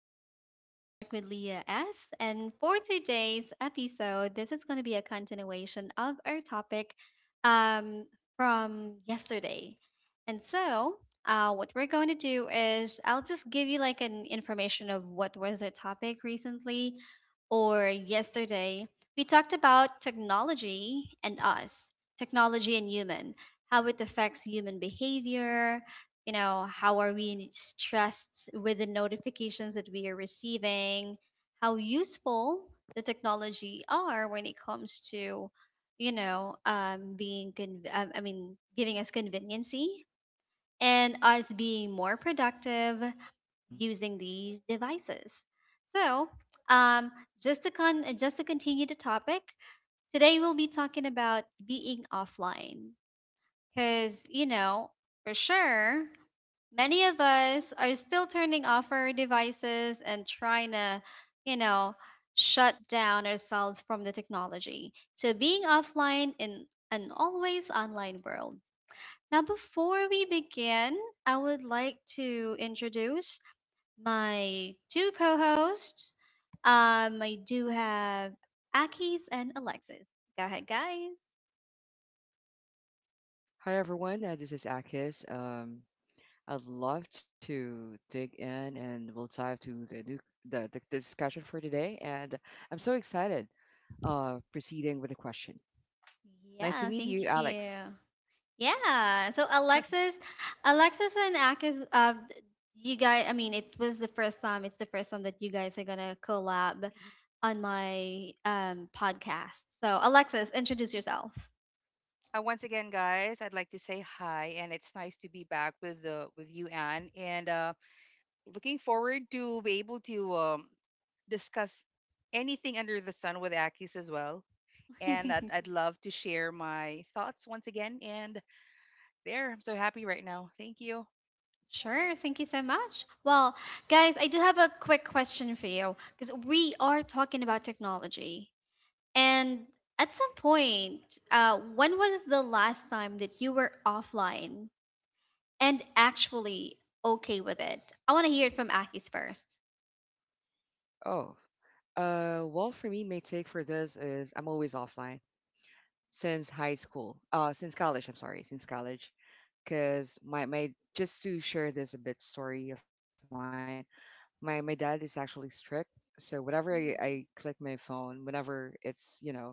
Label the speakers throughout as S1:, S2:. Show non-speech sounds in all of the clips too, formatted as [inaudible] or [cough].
S1: to Reality Check with Leah S. And for today's episode, this is going to be a continuation of our topic um, from yesterday. And so, what we're going to do is I'll just give you like an information of what was the topic recently or yesterday. We talked about technology and us, technology and human, how it affects human behavior, how are we stressed with the notifications that we are receiving, how useful the technology are when it comes to, I mean, giving us conveniency, and us being more productive
S2: hmm
S1: using these devices. So um, just to con- just to continue the topic, today we'll be talking about being offline, because for sure many of us are still turning off our devices and trying to, you know, shut down ourselves from the technology. So being offline in an always online world. Now, before we begin, I would like to introduce my two co hosts. I do have Akis and Alexis. Go ahead, guys.
S2: Hi everyone, this is Akis. I'd love to dig in and we'll dive to the new the discussion for today. And I'm so excited. Proceeding with the question. Nice to
S1: Yeah,
S2: meet
S1: thank
S2: you,
S1: you.
S2: Alex.
S1: Yeah. So
S3: Yes. [laughs]
S1: Alexis, Alexis and Akis, you guys. I mean, it was the first time. It's the first time that you guys are gonna collab on my podcast. So Alexis, introduce yourself.
S3: Once again, guys, I'd like to say hi, and it's nice to be back with the with you, Anne. And looking forward to be able to discuss anything under the sun with Akis as well. And
S1: [laughs]
S3: I'd love to share my thoughts once again. And there, I'm so happy right now. Thank you.
S1: Sure, thank you so much. Well, guys, I do have a quick question for you because we are talking about technology. And at some point, when was the last time that you were offline and actually okay with it? I want to hear it from Akis first.
S2: Oh, well, for me, my take for this is I'm always offline since high school. Since college. I'm sorry, since college, because my just to share this a bit story of mine. My dad is actually strict, so whenever I
S1: Mhm.
S2: click my phone whenever it's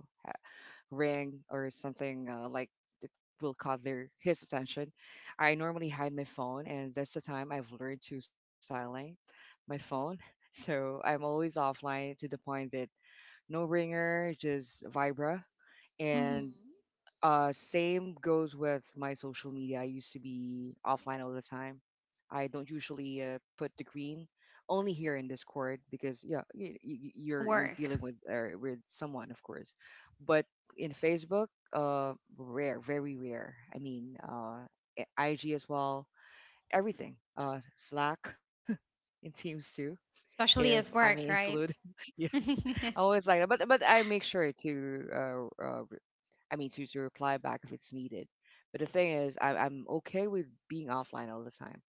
S2: ring or something like that, will caught their his attention. I normally hide my phone, and that's the time I've learned to silent my phone. [laughs] So I'm always offline to the point that no ringer, just vibra.
S1: Hmm.
S2: And same goes with my social media. I used to be offline all the time. I don't usually put the green only here in Discord, because yeah, you're
S1: Work,
S2: dealing with someone, of course. But in Facebook, rare, very rare. I mean, IG as well. Everything. Slack [laughs] in Teams too, if
S1: especially
S2: I
S1: at
S2: may
S1: work,
S2: include.
S1: right?
S2: [laughs]
S1: [laughs] Oh
S2: Yes, I always like that. But I make sure to I mean, to reply back if it's needed. But the thing is, I'm okay with being offline all the time.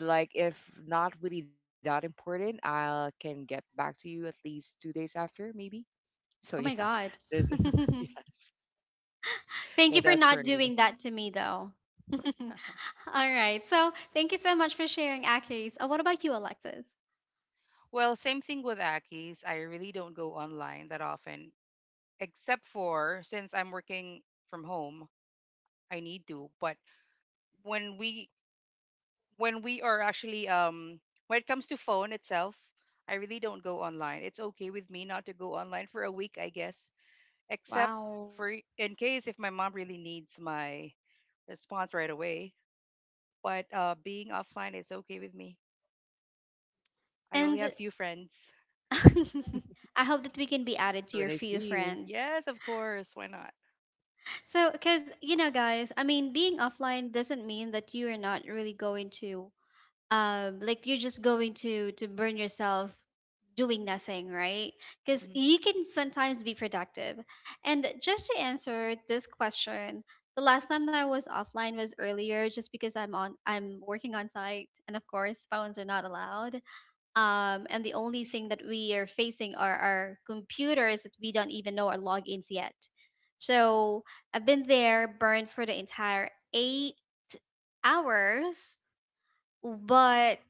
S2: Like, if not really that important, I can get back to you at least 2 days after, maybe. So, yeah,
S1: my God.
S2: there's, [laughs]
S1: [laughs]
S2: yes, yeah,
S1: Thank you
S2: that's
S1: for
S2: for
S1: not
S2: me.
S1: doing that to me, though. [laughs] All
S3: [laughs]
S1: right. So thank you so much for sharing, Akis. What about you, Alexis?
S3: Well, same thing with Akis. I really don't go online that often, except for since I'm working from home, I need to. But when we when we are actually when it comes to phone itself, I really don't go online. It's okay with me not to go online for a week, I guess, except
S1: Wow.
S3: for in case if my mom really needs my response right away. But being offline is okay with me. I only have
S1: And
S3: few friends.
S2: Yeah,
S1: [laughs] I hope that we can be
S2: see you
S1: added
S2: when
S1: to
S2: I
S1: your
S2: see
S1: few
S2: you.
S1: friends.
S3: Yes, of course, why not.
S1: So, because, you know, guys, I mean, being offline doesn't mean that you are not really going to like you're just going to burn yourself doing nothing, right? Because
S3: Mm-hmm.
S1: you can sometimes be productive. And just to answer this question, the last time that I was offline was earlier, just because I'm on, I'm working on site, and of course phones are not allowed. And the only thing that we are facing are our computers that we don't even know our logins yet. So I've been there burned for the entire 8 hours. But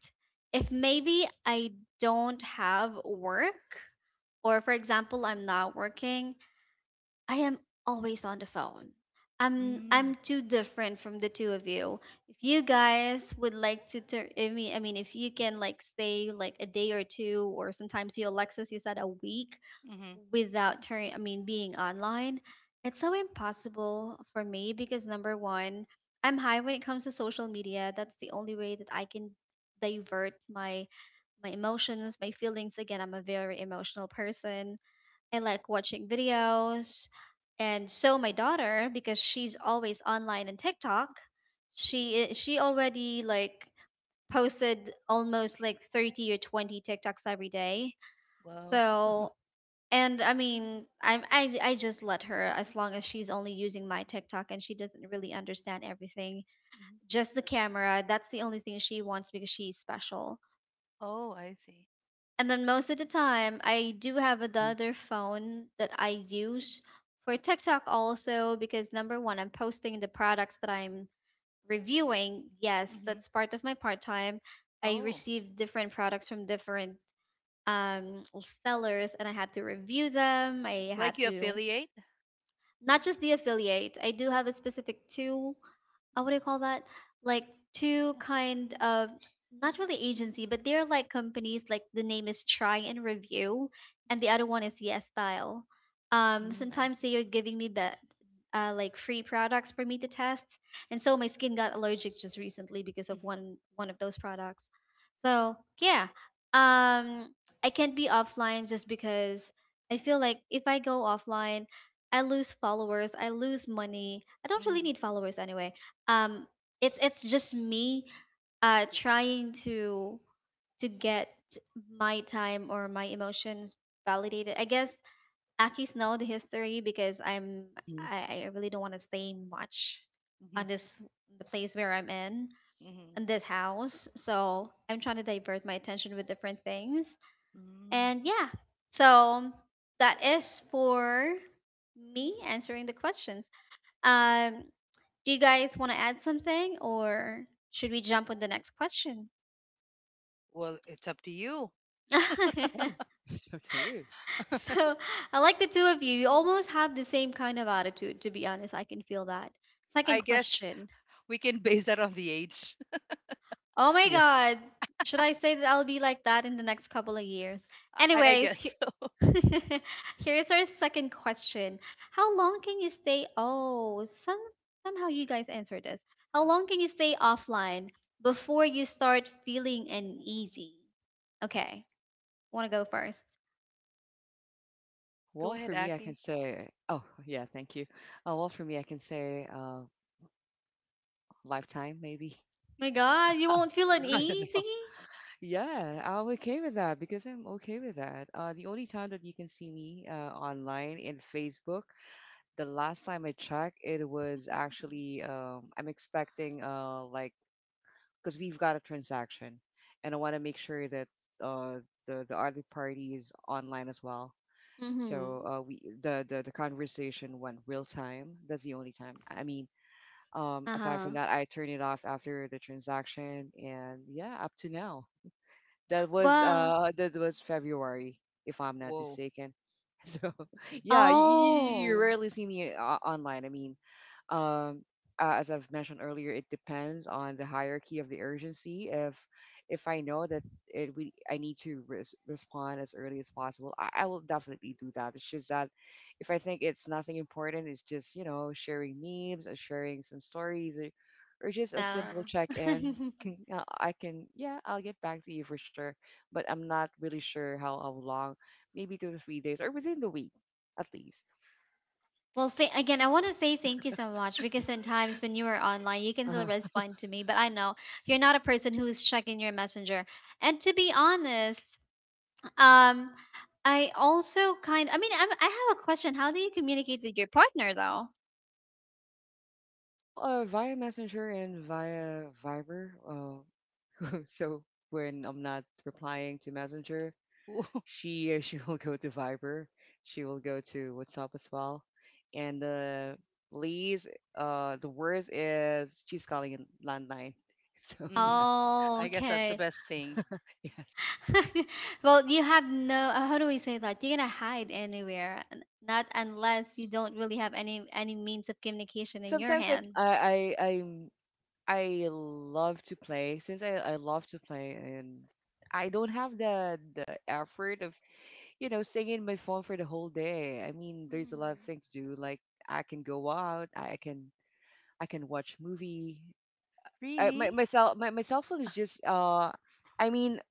S1: if maybe I don't have work, or for example, I'm not working, I am always on the phone. I'm
S3: mm
S1: I'm too different from the two of you. If you guys would like to turn, I mean, if you can like stay like a day or two, or sometimes you, Alexis, you said a week
S3: hmm mm hmm
S1: without turning, I mean, being online, it's so impossible for me because number one, I'm high when it comes to social media. That's the only way that I can divert my my emotions, my feelings. Again, I'm a very emotional person. I like watching videos. And so my daughter, because she's always online and TikTok, she already like posted almost like 30 or 20 TikToks every day.
S3: wow.
S1: So, and I mean, I'm I j- I just let her, as long as she's only using my TikTok and she doesn't really understand everything.
S3: Mhm.
S1: Just the camera, that's the only thing she wants because she's special.
S3: Oh, I see.
S1: And then most of the time, I do have
S2: Hmm.
S1: another phone that I use for TikTok also because number one, I'm posting the products that I'm reviewing. Yes,
S3: hmm
S1: that's part of my part time. I
S3: oh,
S1: receive different products from different um sellers, and I had to review them. I
S3: like
S1: had
S3: you
S1: to,
S3: affiliate.
S1: not just the affiliate. I do have a specific two, what do you call that? Like two kind of, not really agency, but they're like companies. Like the name is Try and Review, and the other one is Yes Style.
S3: Mm, I
S1: Sometimes
S3: see.
S1: they are giving me be-, like free products for me to test, and so my skin got allergic just recently because
S3: Mm-hmm.
S1: of one of those products. So yeah, um, I can't be offline just because I feel like if I go offline, I lose followers, I lose money. I don't really
S3: Mm-hmm.
S1: need followers anyway. um it's just me trying to get my time or my emotions validated, I guess. Aki's know the history because i'm
S2: Hmm.
S1: i, I really don't want to say much
S3: Mm-hmm.
S1: on this, the place where I'm in
S3: Mm-hmm.
S1: in this house, so I'm trying to divert my attention with different things.
S3: Mm-hmm.
S1: And yeah, so that is for me, answering the questions. um do you guys want to add something, or should we jump on the next question?
S3: Well, it's up to you.
S2: Yeah,
S1: [laughs]
S2: [laughs] so do you.
S3: [laughs]
S1: So, I like the two of you. You almost have the same kind of attitude, to be honest. I can feel that. Second
S3: I guess
S1: question.
S3: we can base that on the age.
S1: Oh my
S2: Yeah.
S1: God. Should I say that I'll be like that in the next couple of years?
S3: [laughs] I
S1: Anyways,
S3: guess. [laughs]
S1: [laughs] here's our second question. How long can you stay? Oh, somehow you guys answered this. How
S3: Mm.
S1: long can you stay offline before you start feeling uneasy? Okay, want to go first?
S3: Go
S2: Well,
S3: ahead,
S2: for me, I can
S3: Aki.
S2: say, oh, yeah, thank you. Well, for me, I can say lifetime, maybe.
S1: My God, you won't feel
S2: [laughs] I
S3: Ooh,
S2: don't know.
S1: uneasy? [laughs]
S2: Yeah, I'm okay with that because I'm okay with that. The only time that you can see me online in Facebook, the last time I checked, it was actually I'm expecting like, because we've got a transaction, and I want to make sure that uh, the other party is online as well. So
S1: Mm-hmm.
S2: we the conversation went real time. That's the only time. I mean, aside from
S1: Uh-huh.
S2: that, I turned it off after the transaction, and yeah, up to now. That was
S1: Well,
S2: uh that was February, if I'm not
S3: whoa.
S2: mistaken. [laughs] So yeah, you
S1: oh,
S2: rarely see me online. I mean, um, as I've mentioned earlier, it depends on the hierarchy of the urgency. If I know that it we I need to respond as early as possible, I will definitely do that. It's just that if I think it's nothing important, it's just sharing memes or sharing some stories, or just a simple
S1: no.
S2: check in.
S1: [laughs]
S2: Can, I can yeah I'll get back to you for sure, but I'm not really sure how long, maybe 2 to 3 days or within the week at least.
S1: Well, th- again, I want to say thank you so much because sometimes when you are online, you can still
S2: [laughs]
S1: respond to me, but I know you're not a person who's checking your messenger. And to be honest, um, I also kind. I mean, I have a question. How do you communicate with your partner, though?
S2: Well, via Messenger and via Viber. [laughs] So when I'm not replying to Messenger,
S3: Ooh.
S2: she [laughs] she will go to Viber. She will go to WhatsApp as well. And Lee's the worst is she's calling in landline. [laughs] So
S3: [laughs] hmm
S2: yeah,
S1: Oh,
S3: I guess that's the
S1: okay.
S3: best thing.
S2: yes.
S1: [laughs] Well, you have no. How do we say that? You're gonna hide anywhere, not unless you don't really have any means of communication
S2: Because
S1: in your
S2: sometimes
S1: hands.
S2: I I'm, I love to play, since I love to play, and I don't have the effort of staying in my phone for the whole day. I mean, there's a lot of
S1: Mhm.
S2: things to do. Like, I can go out, I can watch movie. I,
S3: Really?
S2: my, my cell phone is just I mean,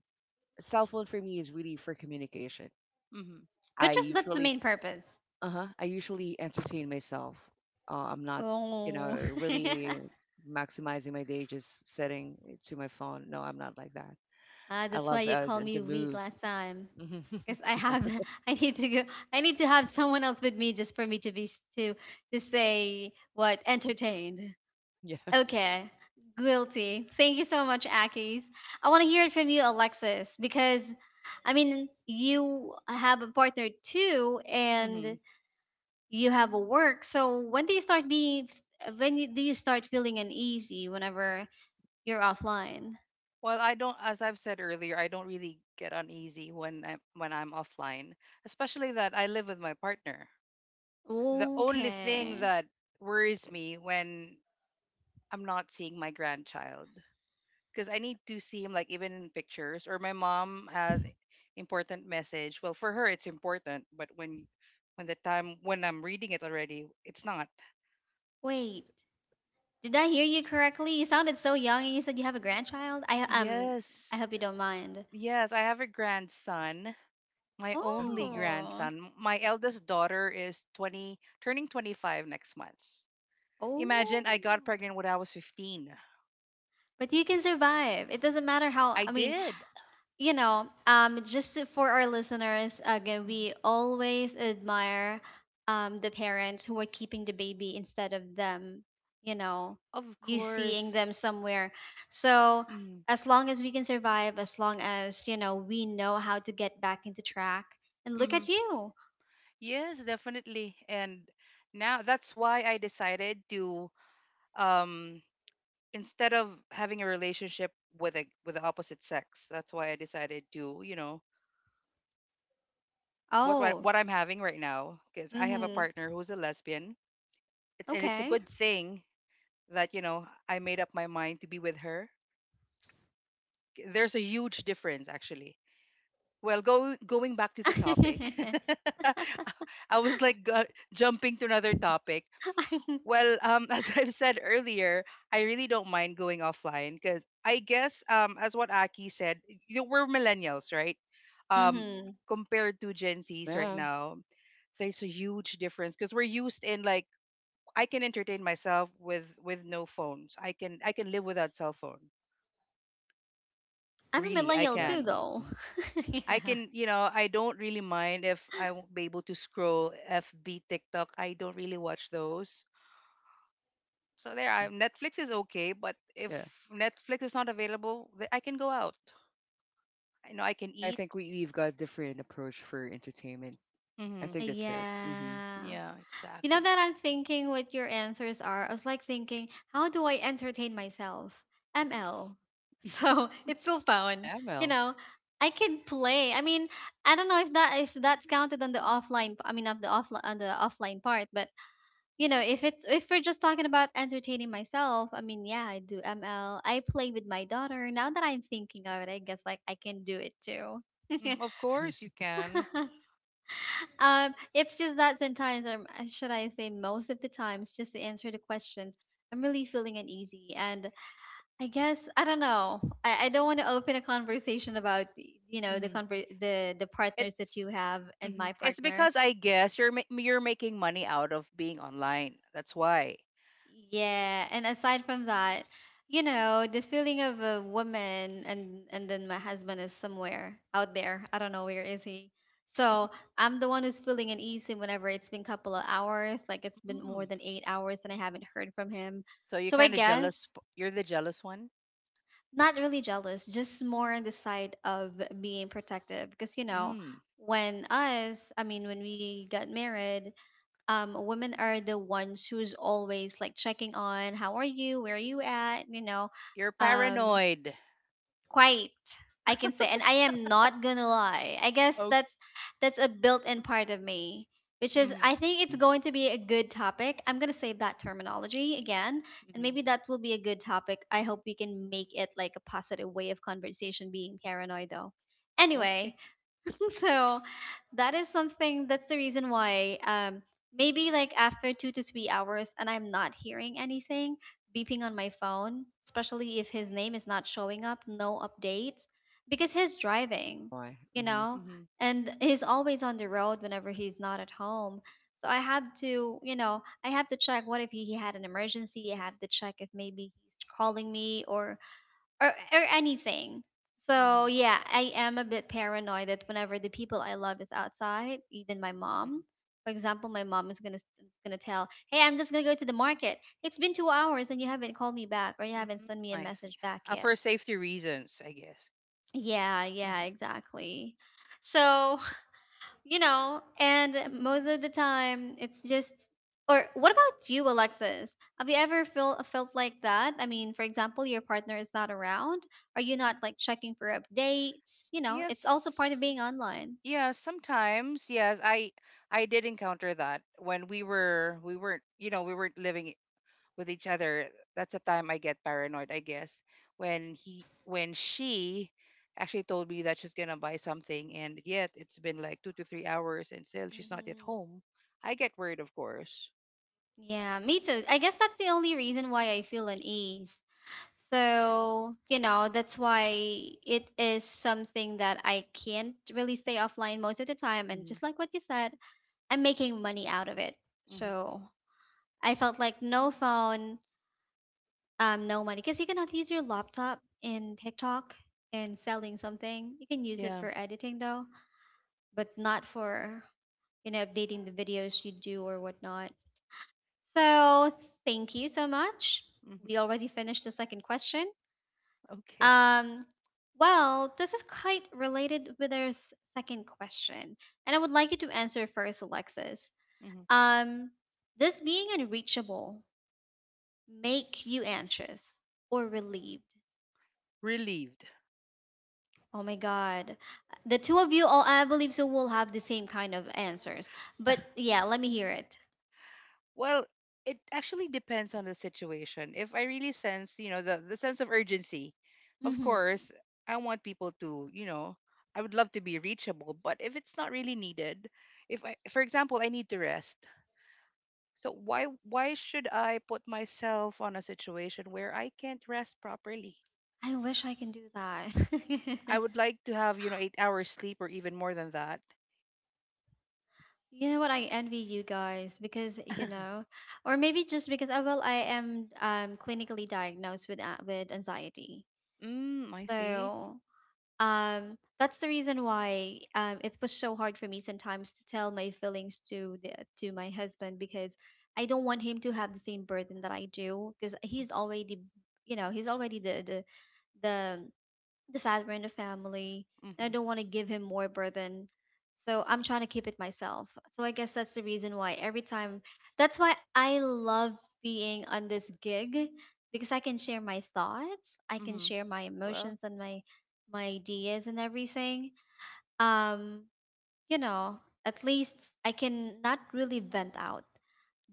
S2: cell phone for me is really for communication.
S3: hmm
S1: But
S2: I
S1: just that's the
S2: usually
S1: main purpose.
S2: uh huh I usually entertain myself. I'm not you know
S1: Oh.
S2: really
S1: [laughs]
S2: maximizing my day just sitting to my phone. No, I'm not like that.
S1: Ah,
S2: I
S1: that's why
S2: love
S1: you called me
S2: to
S1: weak
S2: move.
S1: last time. Because I
S2: [laughs] Yeah,
S1: have, [laughs] I need to go, I need to have someone else with me just for me to be s- to say what entertained.
S2: yeah.
S1: Okay, guilty. Thank you so much, Akis. I want to hear it from you, Alexis, because I mean, you have a partner too,
S3: hmm
S1: and you have a work. So when do you start being? Do you start feeling uneasy whenever you're offline?
S3: Well, I don't. As I've said earlier, I don't really get uneasy when I'm offline, especially that I live with my partner. The only thing
S1: Okay.
S3: that worries me when I'm not seeing my grandchild, because I need to see him like even in pictures. Or my mom has important message. Well, for her it's important, but when the time when I'm reading it already, it's not.
S1: Wait, did I hear you correctly? You sounded so young, and you said you have a grandchild. I
S3: Yes.
S1: hope you don't mind.
S3: Yes, I have a grandson, my only
S2: Wow.
S1: Oh,
S3: grandson. My eldest daughter is 20, turning 25 next month. Imagine I
S1: oh.
S3: got pregnant when I was 15.
S1: But you can survive. It doesn't matter how.
S3: I
S1: I mean,
S3: did.
S1: you know, just to, for our listeners, again,
S3: Mhm.
S1: we always admire the parents who are keeping the baby instead of them, you know,
S3: Of
S1: you seeing
S3: course.
S1: them somewhere. So,
S3: Mm-hmm.
S1: as long as we can survive, as long as, you know, we know how to get back into track, and look at you.
S3: Yes, definitely. And now that's why I decided to um instead of having a relationship with the opposite sex. That's why I decided to, you know,
S1: Oh,
S3: what I'm having right now, because I have a
S1: mm-hmm.
S3: partner who's a lesbian. And it's a
S1: Okay.
S3: good thing that, you know, I made up my mind to be with her. There's a huge difference actually. Well, going back to
S1: [laughs]
S3: the topic,
S1: I'm,
S3: [laughs] I was like jumping to another topic. Well, [laughs] as I've said earlier, I really don't mind going offline because I guess, as what Aki said, you know, we're millennials, right? Um,
S1: mm-hmm.
S3: compared to Gen
S2: Yes,
S3: Zs right
S2: ma'am.
S3: now, there's a huge difference because we're used in like I can entertain myself with no phones. I can live without cell phone.
S1: I'm a
S3: Really, I
S1: millennial too,
S3: can.
S2: Exactly.
S1: though. [laughs]
S3: I
S1: Yeah.
S3: can, you know, I don't really mind if I won't be able to scroll FB, TikTok. I don't really watch those. So there, I
S2: Mm-hmm.
S3: Netflix is okay, but if
S2: Yeah.
S3: Netflix is not available, I can go out. I know I can
S2: I
S3: eat.
S2: think we've got different approach for entertainment. I
S3: hmm
S2: think that's it. Mm-hmm.
S1: Yeah.
S3: Yeah,
S1: You know
S3: exactly.
S1: that I'm thinking what your answers are. I was like thinking, how do I entertain myself? ML. So [laughs] it's still
S2: Not
S1: fun. You
S2: ML.
S1: know, I can play. I mean, I don't know if that's counted on the offline. I mean, of the offline on the offline part. But if we're just talking about entertaining myself, I mean, yeah, I do ML. I play with my daughter. Now that I'm thinking of it, I guess like I can do it too.
S3: Of course
S2: Mm-hmm.
S3: you can.
S1: [laughs] It's just that sometimes, or should I say, most of the times, just to answer the questions, I'm really feeling uneasy, and I guess I don't know. I don't want to open a conversation about y- you know the
S3: hmm
S1: conver- the partners that
S3: It's
S1: you have and my
S3: it's
S1: partner.
S3: because I guess you're you're making money out of being online. That's why.
S1: Yeah, and aside from that, the feeling of a woman, and then my husband is somewhere out there. I don't know where is he. So I'm the one who's feeling uneasy whenever it's been couple of hours, like it's been more
S3: Mm.
S1: than 8 hours and I haven't heard from him.
S3: So you're
S1: So I
S3: kind of jealous.
S1: guess
S3: You're the jealous one.
S1: not really jealous, just more on the side of being protective. Because,
S3: Mm.
S1: I mean, when we got married, women are the ones who's always like checking on how are you, where are you at,
S3: You're
S1: um,
S3: paranoid.
S1: quite I can say. And I am not gonna lie, I guess
S3: Okay.
S1: that's a built-in part of me, which is,
S3: hmm
S1: I think, it's
S2: Mm-hmm.
S1: going to be a good topic. I'm gonna save that terminology again, and
S3: hmm
S1: maybe that will be a good topic. I hope we can make it like a positive way of conversation, being paranoid though. Anyway,
S3: Okay.
S1: [laughs] so that is something. That's the reason why, maybe like after 2 to 3 hours and I'm not hearing anything beeping on my phone, especially if his name is not showing up, no updates, because he's
S2: Oh
S1: driving,
S2: my.
S1: you
S2: Mm-hmm.
S1: know,
S3: hmm
S1: and he's always on the road whenever he's not at home. So I had to, you know, I have to check what if he had an emergency. I have to check if maybe he's calling me, or anything. So
S3: hmm
S1: yeah, I am a bit paranoid that whenever the people I love is outside, even my mom,
S3: hmm
S1: for example, my mom is gonna tell, "Hey, I'm just gonna go to the market. It's been 2 hours and you haven't called me back or you haven't
S3: Mm,
S1: sent me a
S3: I see.
S1: message back yet."
S3: For safety reasons, I guess.
S1: Yeah, yeah,
S3: Mhm.
S1: exactly. So, and most of the time it's just, or what about you, Alexis? Have you ever felt like that? I mean, for example, your partner is not around. Are you not like checking for updates? You know, it's also part of
S3: Yes.
S1: being online.
S3: Yeah, sometimes. Yes, I did encounter that when we weren't, you know, we weren't living with each other. That's the time I get paranoid, I guess. When he when she actually told me that she's gonna buy something, and yet it's been like 2 to 3 hours and still she's not yet
S1: Mm-hmm.
S3: home. I get worried, of course.
S1: Yeah, me too. I guess that's the only reason why I feel unease. So, you know, that's why it is something that I can't really stay offline most of the time. And
S3: Mm-hmm.
S1: just like what you said, I'm making money out of it.
S3: Mm-hmm.
S1: So, I felt like no phone, no money, because you cannot use your laptop in TikTok and selling something. You can use it
S3: Yeah.
S1: for editing though, but not for, you know, updating the videos you do or whatnot. So thank you so much.
S3: Mm-hmm.
S1: We already finished the second question.
S3: [laughs] Okay.
S1: Um, well, this is quite related with our second question, and I would like you to answer first, Alexis.
S3: Mm-hmm.
S1: Um, this being unreachable make you anxious or relieved?
S3: Relieved.
S1: Oh my God. The two of you, all I believe so, will have the same kind of answers. But yeah, let me hear it.
S3: Well, it actually depends on the situation. If I really sense, you know, the sense of urgency, of
S1: Hmm.
S3: course, I want people to, you know, I would love to be reachable, but if it's not really needed, if I, for example, I need to rest. So why should I put myself on a situation where I can't rest properly?
S1: I wish I can do
S3: I
S1: that.
S3: would
S1: [laughs]
S3: like to have, you know, 8 hours sleep or even more than that.
S1: You know what? I envy you guys because, you
S3: [laughs]
S1: know, or maybe just because, oh, well, I am, clinically diagnosed with, with anxiety.
S3: Mm, I see.
S1: So. That's the reason why, it was so hard for me sometimes to tell my feelings to my husband, because I don't want him to have the same burden that I do, because he's already the the father in the family, and I
S3: Mm-hmm.
S1: don't want to give him more burden. So I'm trying to keep it myself. So I guess that's the reason why every time, that's why I love being on this gig, because I can share my thoughts, I can
S3: Mm-hmm.
S1: share my
S3: Well,
S1: emotions and my ideas and everything. um you know at least I can not really vent out,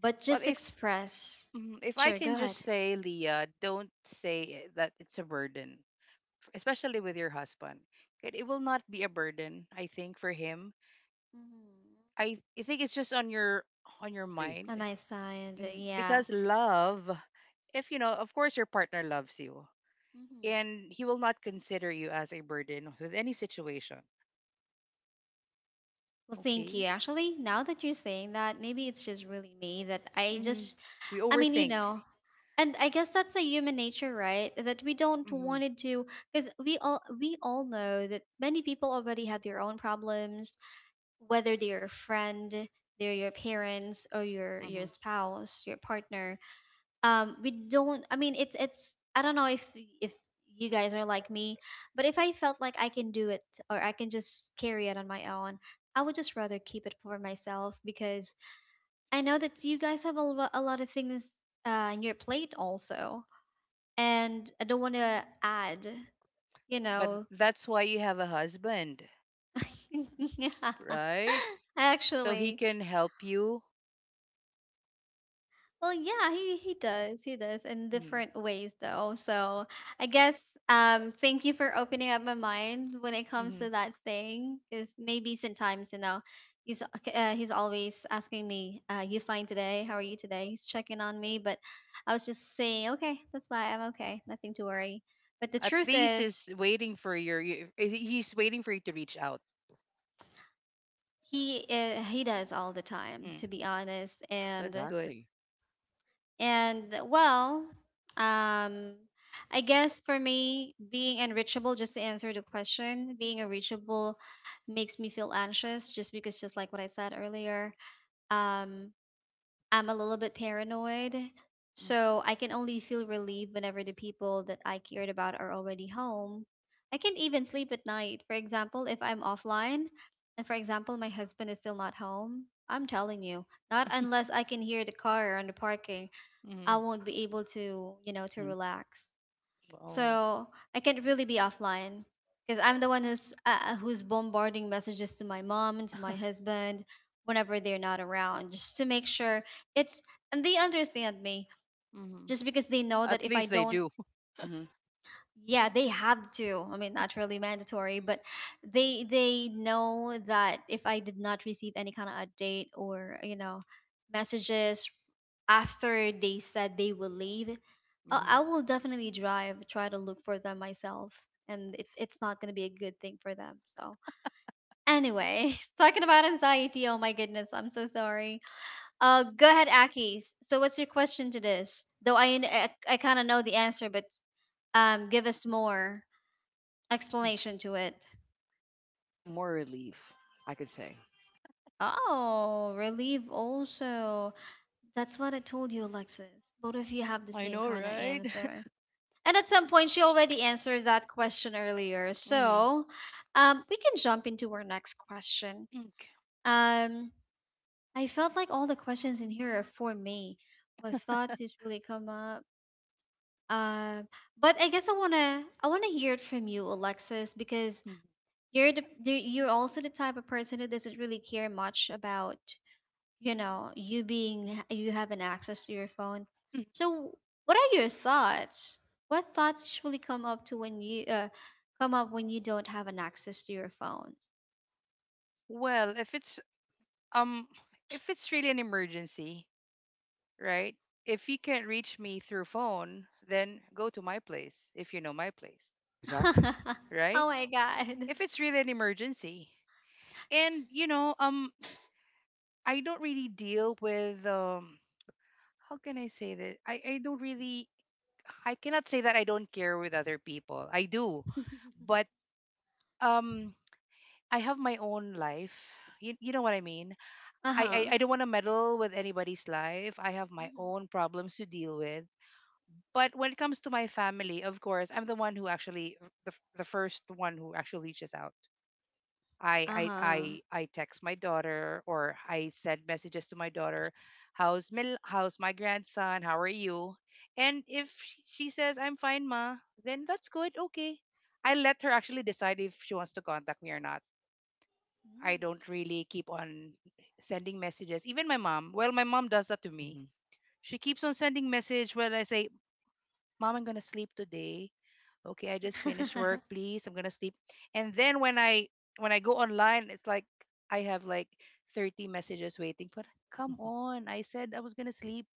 S1: but
S3: but
S1: just
S3: if
S1: express.
S3: Mm, if I
S1: Sure,
S3: can
S1: go
S3: just
S1: ahead.
S3: say, Leah, don't say that it's a burden, especially with your husband. It will not be a burden, I think, for him.
S1: Hmm.
S3: I think it's just on your
S2: Agree.
S1: On
S3: mind.
S1: my side,
S3: Mm,
S1: yeah.
S3: because love, if you know, of course, your partner loves you,
S1: Hmm.
S3: and he will not consider you as a burden with any situation.
S1: Well, thank you.
S3: Okay,
S1: Actually, now that you're saying that, maybe it's just really me that I
S3: hmm
S1: just,
S3: we
S1: I mean, you
S3: overthink,
S1: know, and I guess that's a human nature, right? That we don't
S3: hmm
S1: want it to, do, because we all know that many people already have their own problems, whether they're a friend, they're your parents, or your
S3: hmm
S1: your spouse, your partner. We don't, I mean, it's, I don't know if you guys are like me. But if I felt like I can do it, or I can just carry it on my own, I would just rather keep it for myself, because I know that you guys have a lot of things, in your plate also. And I don't want to add you
S3: but
S1: know
S3: that's why you have a husband,
S1: [laughs] Yeah,
S3: right? So he
S1: actually,
S3: can help you.
S1: well, yeah, he does. He does in
S3: Mm-hmm.
S1: different ways though. So, I guess, thank you for opening up my mind when it comes
S3: hmm
S1: to that thing, cuz maybe sometimes, he's he's always asking me, you fine today? How are you today? He's checking on me, but I was just saying, okay, that's why I'm okay. Nothing to worry. But the
S3: At
S1: truth
S3: least is
S1: is,
S3: waiting for your. You- he- He's waiting for you to reach out.
S1: he does all the time,
S3: Mm,
S1: to be honest.
S3: that's
S1: and
S3: good.
S2: Exactly.
S1: And well, um, I guess for me, being unreachable, just to answer the question, being unreachable makes me feel anxious, just because, just like what I said earlier, um, I'm a little bit paranoid.
S3: Mm.
S1: So I can only feel relieved whenever the people that I cared about are already home. I can't even sleep at night. For example, if I'm offline, and for example, my husband is still not home, I'm telling you, not unless I can hear the car on the parking,
S3: Mm-hmm.
S1: I won't be able to, you know, to
S2: Mm-hmm.
S1: relax.
S3: [laughs] Oh,
S1: So I can't really be offline, because I'm the one who's bombarding messages to my mom and to my
S3: [laughs]
S1: husband whenever they're not around, just to make sure, it's and they understand me.
S3: hmm
S1: Just because they know that
S3: at
S1: if I
S3: least they
S1: don't—
S3: do.
S2: Mm-hmm.
S1: Yeah, they have to, I mean, not really mandatory, but they know that if I did not receive any kind of update or, you know, messages after they said they will leave,
S3: [laughs]
S1: i,
S3: hmm
S1: I will definitely drive try to look for them myself, and it's not going to be a good thing for them. So, anyway, [laughs] talking about anxiety, oh my goodness, I'm so sorry. Uh, go ahead, Akis, so what's your question to this though? I kind of know the answer, but give us more explanation to it.
S2: I'm more relief, I could say.
S1: Oh, relief also. That's what I told you, Alexis. Both of you have the
S3: I
S1: same
S3: know,
S1: kind of
S3: right?
S1: answer.
S3: [laughs]
S1: And at some point, she already answered that question earlier.
S3: Hmm.
S1: So, we can jump into our next question.
S3: Okay.
S1: Um, I felt like all the questions in here are for me. What thoughts usually come up? Um, but I guess I wanna hear it from you, Alexis, because
S3: hmm
S1: you're you're also the type of person who doesn't really care much about, you know, you having access to your phone. So what are your thoughts? What thoughts usually come up when you don't have an access to your phone?
S3: Well, um, if it's really an emergency, right? If you can't reach me through phone, then go to my place if you know my place,
S2: Exactly.
S1: [laughs]
S3: right?
S1: Oh my god.
S3: If it's really an emergency, and you know, I don't really deal with how can I say this? I don't really I cannot say that I don't care with other people. I do. But
S1: [laughs]
S3: um I have my own life. You know what I mean?
S1: Uh-huh.
S3: I don't want to meddle with anybody's life. I have my
S1: Mhm.
S3: own problems to deal with. But when it comes to my family, of course, I'm the one who actually the first one who actually reaches out. I I
S1: Uh-huh.
S3: I I text my daughter, or I send messages to my daughter, how's my grandson? How are you? And if she says I'm fine, ma, then that's good. Okay, I let her actually decide if she wants to contact me or not. I don't really keep on sending messages. Even my mom, well, my mom does that to me.
S2: Mm-hmm.
S3: She keeps on sending message when I say, "Mom, I'm gonna sleep today. Okay, I just finished work, please. I'm gonna sleep." And then when I go online, it's like I have like 30 messages waiting. But come
S2: [laughs]
S3: on, I said I was gonna sleep,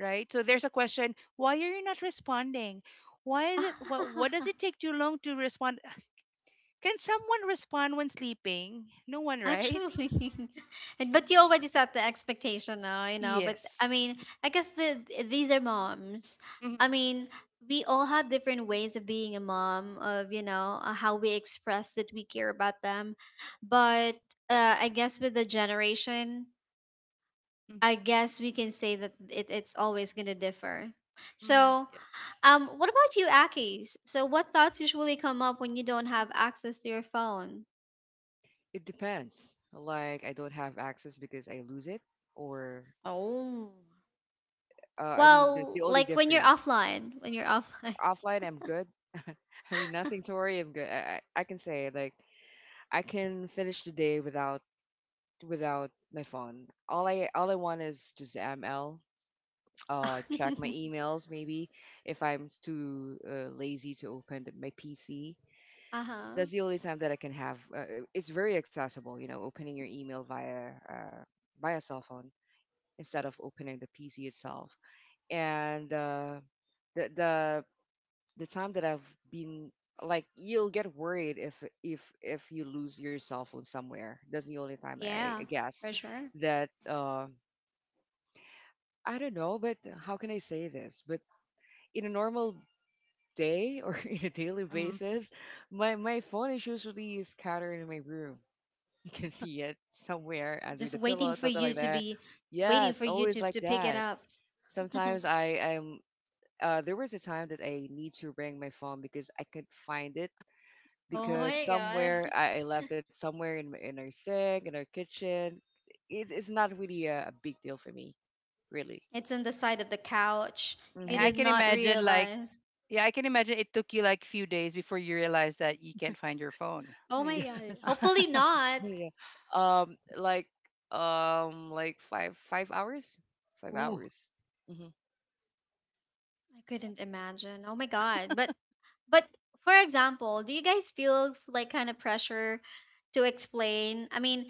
S3: right? So there's a question, why are you not responding? Why is it, what does
S1: Mm.
S3: it
S1: [laughs]
S3: take too long to respond? Can someone respond when sleeping? No one, right?
S1: Actually, [laughs] and but you already set the expectation now, you know. But
S3: Yes.
S1: I mean, I guess these are moms.
S3: Mm-hmm.
S1: I mean, we all have different ways of being a mom, of, you know, how we express that we care about them. But I guess with the generation, I guess we can say that it's always gonna differ.
S3: Mm-hmm.
S1: So,
S3: Yeah.
S1: what about you, Akis? So, what thoughts usually come up when you don't have access to your phone?
S2: It depends. Like, I don't have access because I lose it, or
S1: Oh.
S2: I mean, that's
S1: Well,
S2: the only
S1: like when you're
S2: difference.
S1: offline, when you're offline.
S2: Offline, I'm good. [laughs] I mean, nothing to worry. I'm good. I can say, like, I can finish the day without my phone. All I want is just ML. Check my emails, maybe if I'm too lazy to open my PC.
S1: [laughs] Uh-huh.
S2: That's the only time that I can have. It's very accessible, you know, opening your email via cell phone instead of opening the PC itself. And the the the time that I've been, like, you'll get worried if you lose your cell phone somewhere. That's the only time I
S1: Yeah,
S2: guess
S1: for sure.
S2: that. I don't know, but how can I say this? But in a normal day or [laughs] in a daily
S3: Mm.
S2: basis, my phone is usually scattered in my room. You can see it somewhere under
S1: Just
S2: the
S1: waiting
S2: pillow,
S1: for
S2: something
S1: you
S2: like
S1: to
S2: that.
S1: be, waiting
S2: Yes,
S1: for you
S2: always like
S1: to pick it
S2: that.
S1: up. [laughs]
S2: Sometimes I am. There was a time that I need to bring my phone because I could find it,
S1: Oh
S2: because
S1: my
S2: somewhere
S1: god.
S2: I
S1: [laughs]
S2: left it somewhere in our sink, in our kitchen. It's not really a big deal for me, really.
S1: It's on the side of the couch. You
S2: Mm-hmm.
S3: I
S1: did
S3: can
S1: not
S3: imagine like
S1: realize.
S3: yeah I can imagine it took you like few days before you realized that you can't find your phone.
S1: Oh
S2: [laughs]
S1: my god.
S2: Yes.
S1: Hopefully
S3: [laughs]
S1: not. I
S2: Yeah. Like, like five five hours, five
S3: Ooh.
S2: hours. Mhm,
S1: couldn't imagine. Oh my god. But for example, do you guys feel like kind of pressure to explain? I mean,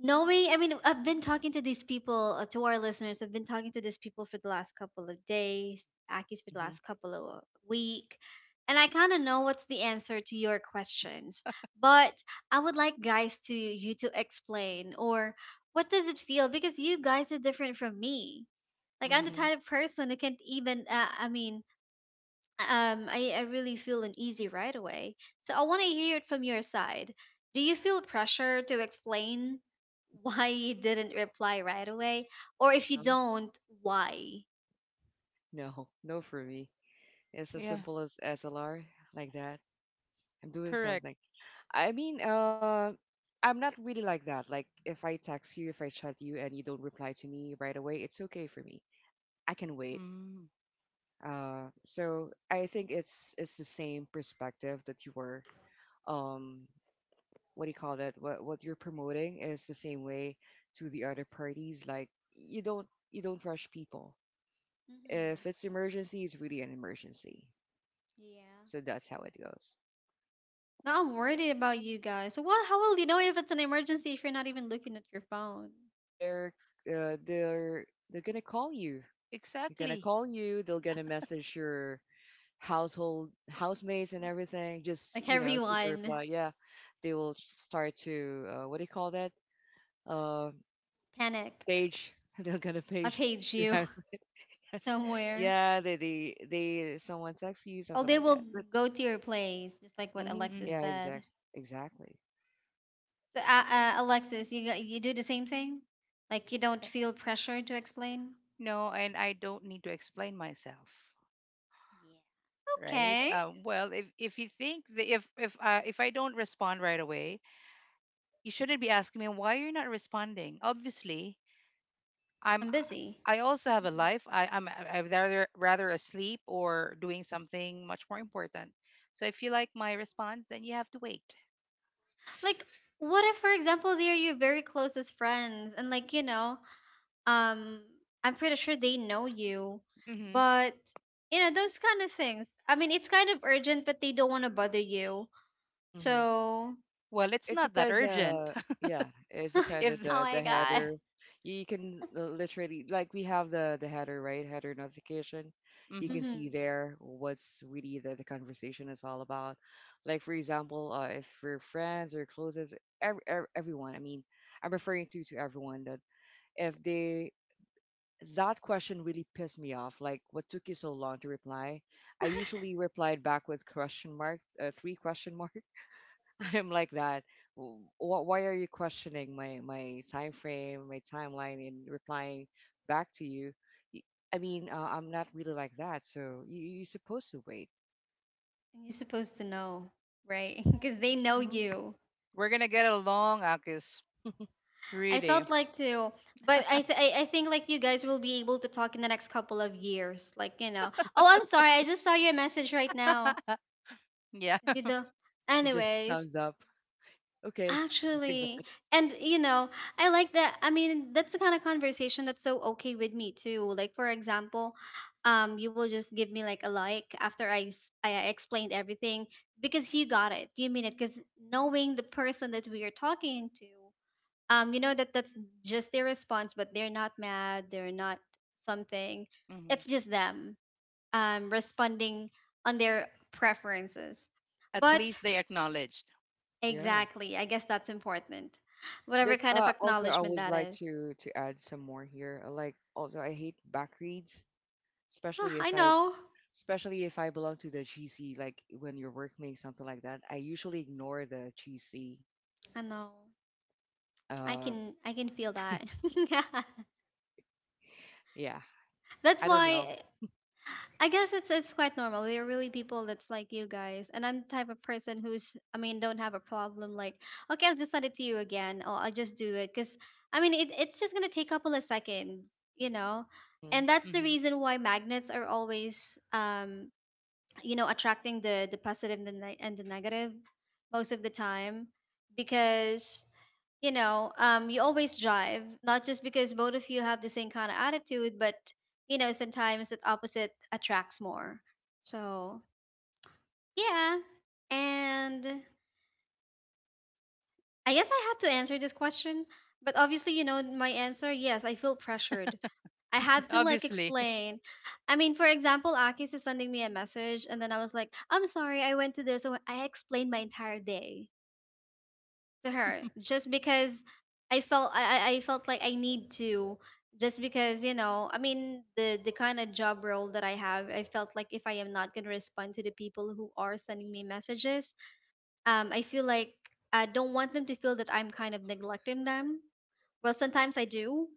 S1: knowing, I mean, I've been talking to these people, to our listeners, I've been talking to these people for the last couple of days, Aki's for the last
S2: mhm,
S1: couple of week, and I kind of know what's the answer to your questions. But I would like guys to you to explain, or what does it feel, because you guys are different from me. Like I'm the
S3: Mm-hmm.
S1: type
S2: mhm.
S1: of person who can't even. I mean, I really feel uneasy right away. So I want to hear it from your side. Do you feel pressure to explain [laughs] why you didn't reply right away? Or if you
S2: No,
S1: don't, why?
S2: no, no for me. It's as
S3: Yeah,
S2: simple as SLR, like that. I'm doing
S3: correct.
S2: something. I mean, I'm not really like that. Like, if I text you, if I chat you, and you don't reply to me right away, it's okay for me. I can wait.
S3: Mm,
S2: So I think it's the same perspective that you were. Um, what do you call that, what you're promoting is the same way to the other parties, like, you don't rush people. If
S1: Hmm.
S2: it's emergency, it's really an emergency.
S1: Yeah.
S2: So that's how it goes.
S1: Now I'm worried about you guys. So what, how will you know if it's an emergency if you're not even looking at your phone? [sighs]
S2: They're uh, they're they're gonna call you,
S3: exactly.
S2: they're gonna message your household housemates and everything.
S1: [laughs]
S2: Just
S1: Like
S2: a
S1: everyone,
S2: reply, yeah. They will start to what do you call that, uh
S1: panic.
S2: page. [laughs] They're gonna
S1: I
S2: page
S1: page
S2: your
S1: you
S2: house. [laughs]
S1: [laughs]
S2: Yes.
S1: somewhere.
S2: Yeah, they someone texts you
S1: Oh,
S2: something
S1: they
S2: like
S1: will
S2: that. But
S1: go to your place, just like what Alexis
S2: yeah,
S3: Mm-hmm.
S1: said.
S2: exactly.
S1: So, Alexis, you you do the same thing? Like you don't feel pressure to explain?
S3: No, and I don't need to explain myself,
S1: Yeah.
S3: right?
S1: Okay,
S3: Well, if you think that if I don't respond right away, you shouldn't be asking me why you're not responding. Obviously, I'm.
S1: I'm busy.
S3: I also
S1: [laughs]
S3: have a life. I'm rather asleep or doing something much more important. So if you like my response, then you have to wait.
S1: Like, what if, for example, they're your very closest friends, and like, you know, um, I'm pretty sure they know you,
S3: hmm
S1: but you know those kind of things. I mean, it's kind of urgent, but they don't want to bother you.
S2: Hmm.
S1: So,
S3: Well, it's
S2: It
S3: not that
S2: depends.
S3: urgent.
S2: Yeah, it's
S1: [laughs] oh
S3: [laughs]
S2: dependent,
S3: if.
S2: the
S1: my
S2: the
S1: god,
S2: header. You can literally, like, we have the header, right, header notification.
S1: [laughs]
S2: You
S3: hmm
S2: can
S1: mm-hmm.
S2: see there what's really the conversation is all about. Like, for example, if we're friends or closest, every, everyone. I mean, I'm referring to everyone that if they. That question really pissed me off. Like, what took you so long to reply? I usually replied back with question mark, three question mark. [laughs] I'm like that. Why are you questioning my time frame, my timeline in replying back to you? Y- I mean, I'm not really like that, so you're supposed to wait.
S1: And you're supposed to know, right? [laughs] Because they know
S2: Hmm.
S1: you.
S3: We're gonna get along, Akis.
S2: [laughs]
S1: I
S3: Really.
S1: felt like too, but I th- I think like you guys will be able to talk in the next couple of years, like, you know. Oh, I'm sorry, I just saw your message right now.
S3: [laughs] Yeah.
S1: 'Cause you do.
S2: It just
S1: Anyways,
S2: thumbs up. Okay. [laughs] Like
S1: actually,
S2: that.
S1: and you know, I like that. I mean, that's the kind of conversation that's so okay with me too. Like for example, you will just give me like a like after I explained everything because you got it, you mean it, because knowing the person that we are talking to you know that that's just their response, but they're not mad, they're not something.
S3: hmm
S1: It's just them responding on their preferences.
S3: At
S2: Mhm.
S1: But
S3: least they acknowledged.
S2: Yeah.
S1: exactly, I guess that's important, whatever
S2: That's
S1: kind of
S2: also I
S1: acknowledgement
S2: would
S1: that
S2: like
S1: is.
S2: to add some more here. Like, also I hate back reads,
S1: Ah,
S2: especially
S1: I
S2: if I
S1: know,
S2: especially if I belong to the GC, like when you're working something like that, I usually ignore the GC.
S1: I know. i
S2: Uh,
S1: can i can feel that.
S2: yeah,
S1: [laughs]
S2: I
S1: That's
S2: don't know.
S1: why I guess it's quite normal. There are really people that's like you guys, and I'm the type of person who's, I mean, don't have a problem, like okay, I'll just send it to you again or I'll just do it because I mean it, it's just gonna take a couple of seconds, you know,
S2: Hmm.
S1: and that's the
S3: hmm
S1: reason why magnets are always you know attracting the positive and the negative most of the time, because you know, you always drive, not just because both of you have the same kind of attitude, but you know, sometimes that opposite attracts more. So yeah, and I guess I have to answer this question, but obviously, you know, my answer, yes, I feel pressured. I had to like
S3: Obviously.
S1: explain. I mean, for example, Akis is sending me a message, and then I was like, I'm sorry, I went to this, so I explained my entire day to her
S3: [laughs]
S1: just because I felt I felt like I need to, just because you know, I mean, the kind of job role that I have, I felt like if I am not gonna respond to the people who are sending me messages, I feel like I don't want them to feel that I'm kind of neglecting them. Well, sometimes I do,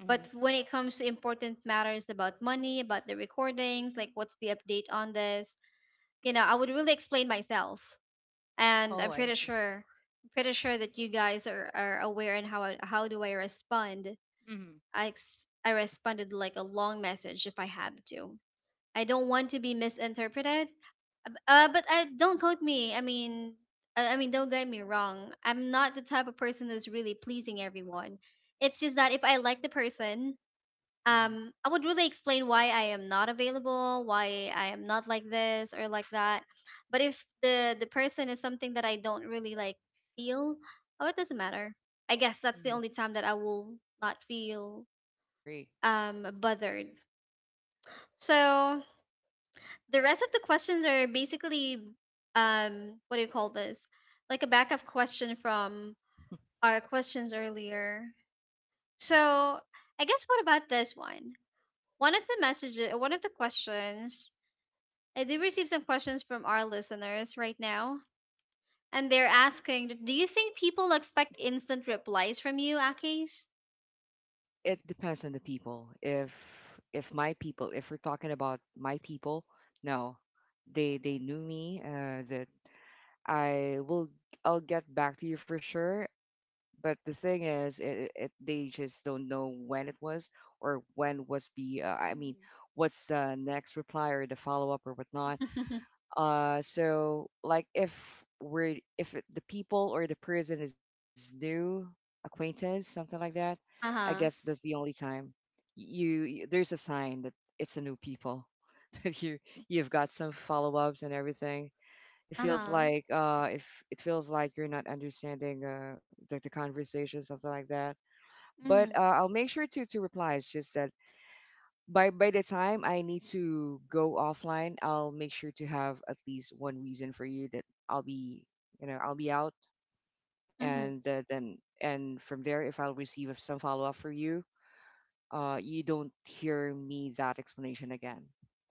S3: hmm
S1: but when it comes to important matters, about money, about the recordings, like what's the update on this, you know, I would really explain myself. And
S3: Oh,
S1: I'm
S3: I
S1: pretty
S3: see.
S1: sure, pretty sure that you guys are aware and how I, how do I respond.
S3: hmm
S1: I
S2: Uh-huh.
S1: responded like a long message if I have to. I don't want to be misinterpreted. But I don't quote me. I mean, I mean, don't get me wrong. I'm not the type of person who's really pleasing everyone. It's just that if I like the person,
S2: Hmm.
S1: I would really explain why I am not available, why I am not like this or like that. But if the person is something that I don't really like, feel, oh, it doesn't matter. I guess that's the
S2: Hmm.
S3: hmm
S1: only time that I will not feel
S2: Agree.
S1: bothered. So the rest of the questions are basically, what do you call this, like a backup question from
S2: [laughs]
S1: our questions earlier. So I guess what about this one, one of the messages, one of the questions. I do receive some questions from our listeners right now, and they're asking, "D- Do you think people expect instant replies from you, Akis?"
S2: It depends on the people. If my people, if we're talking about my people, no, they knew me. That I will I'll get back to you for sure. But the thing is, it they just don't know when it was, or when was the I mean, what's the next reply or the follow-up or whatnot.
S1: Mm-hmm.
S2: So, like, if we're if it- the people or the person is new acquaintance, something like that. I
S1: [laughs]
S2: guess that's
S1: Uh-huh.
S2: the only time, you there's a sign that it's a new people. [laughs] That you've got some follow-ups and everything. It feels
S1: Uh-huh.
S2: like, if it feels like you're not understanding, the conversation, something like that. But
S1: Mhm.
S2: I'll make sure to reply. It's just that by the time I need to go offline, I'll make sure to have at least one reason for you that I'll be out.
S1: Mhm.
S2: And then and from there, if I'll receive some follow-up for you, you don't hear me that explanation again,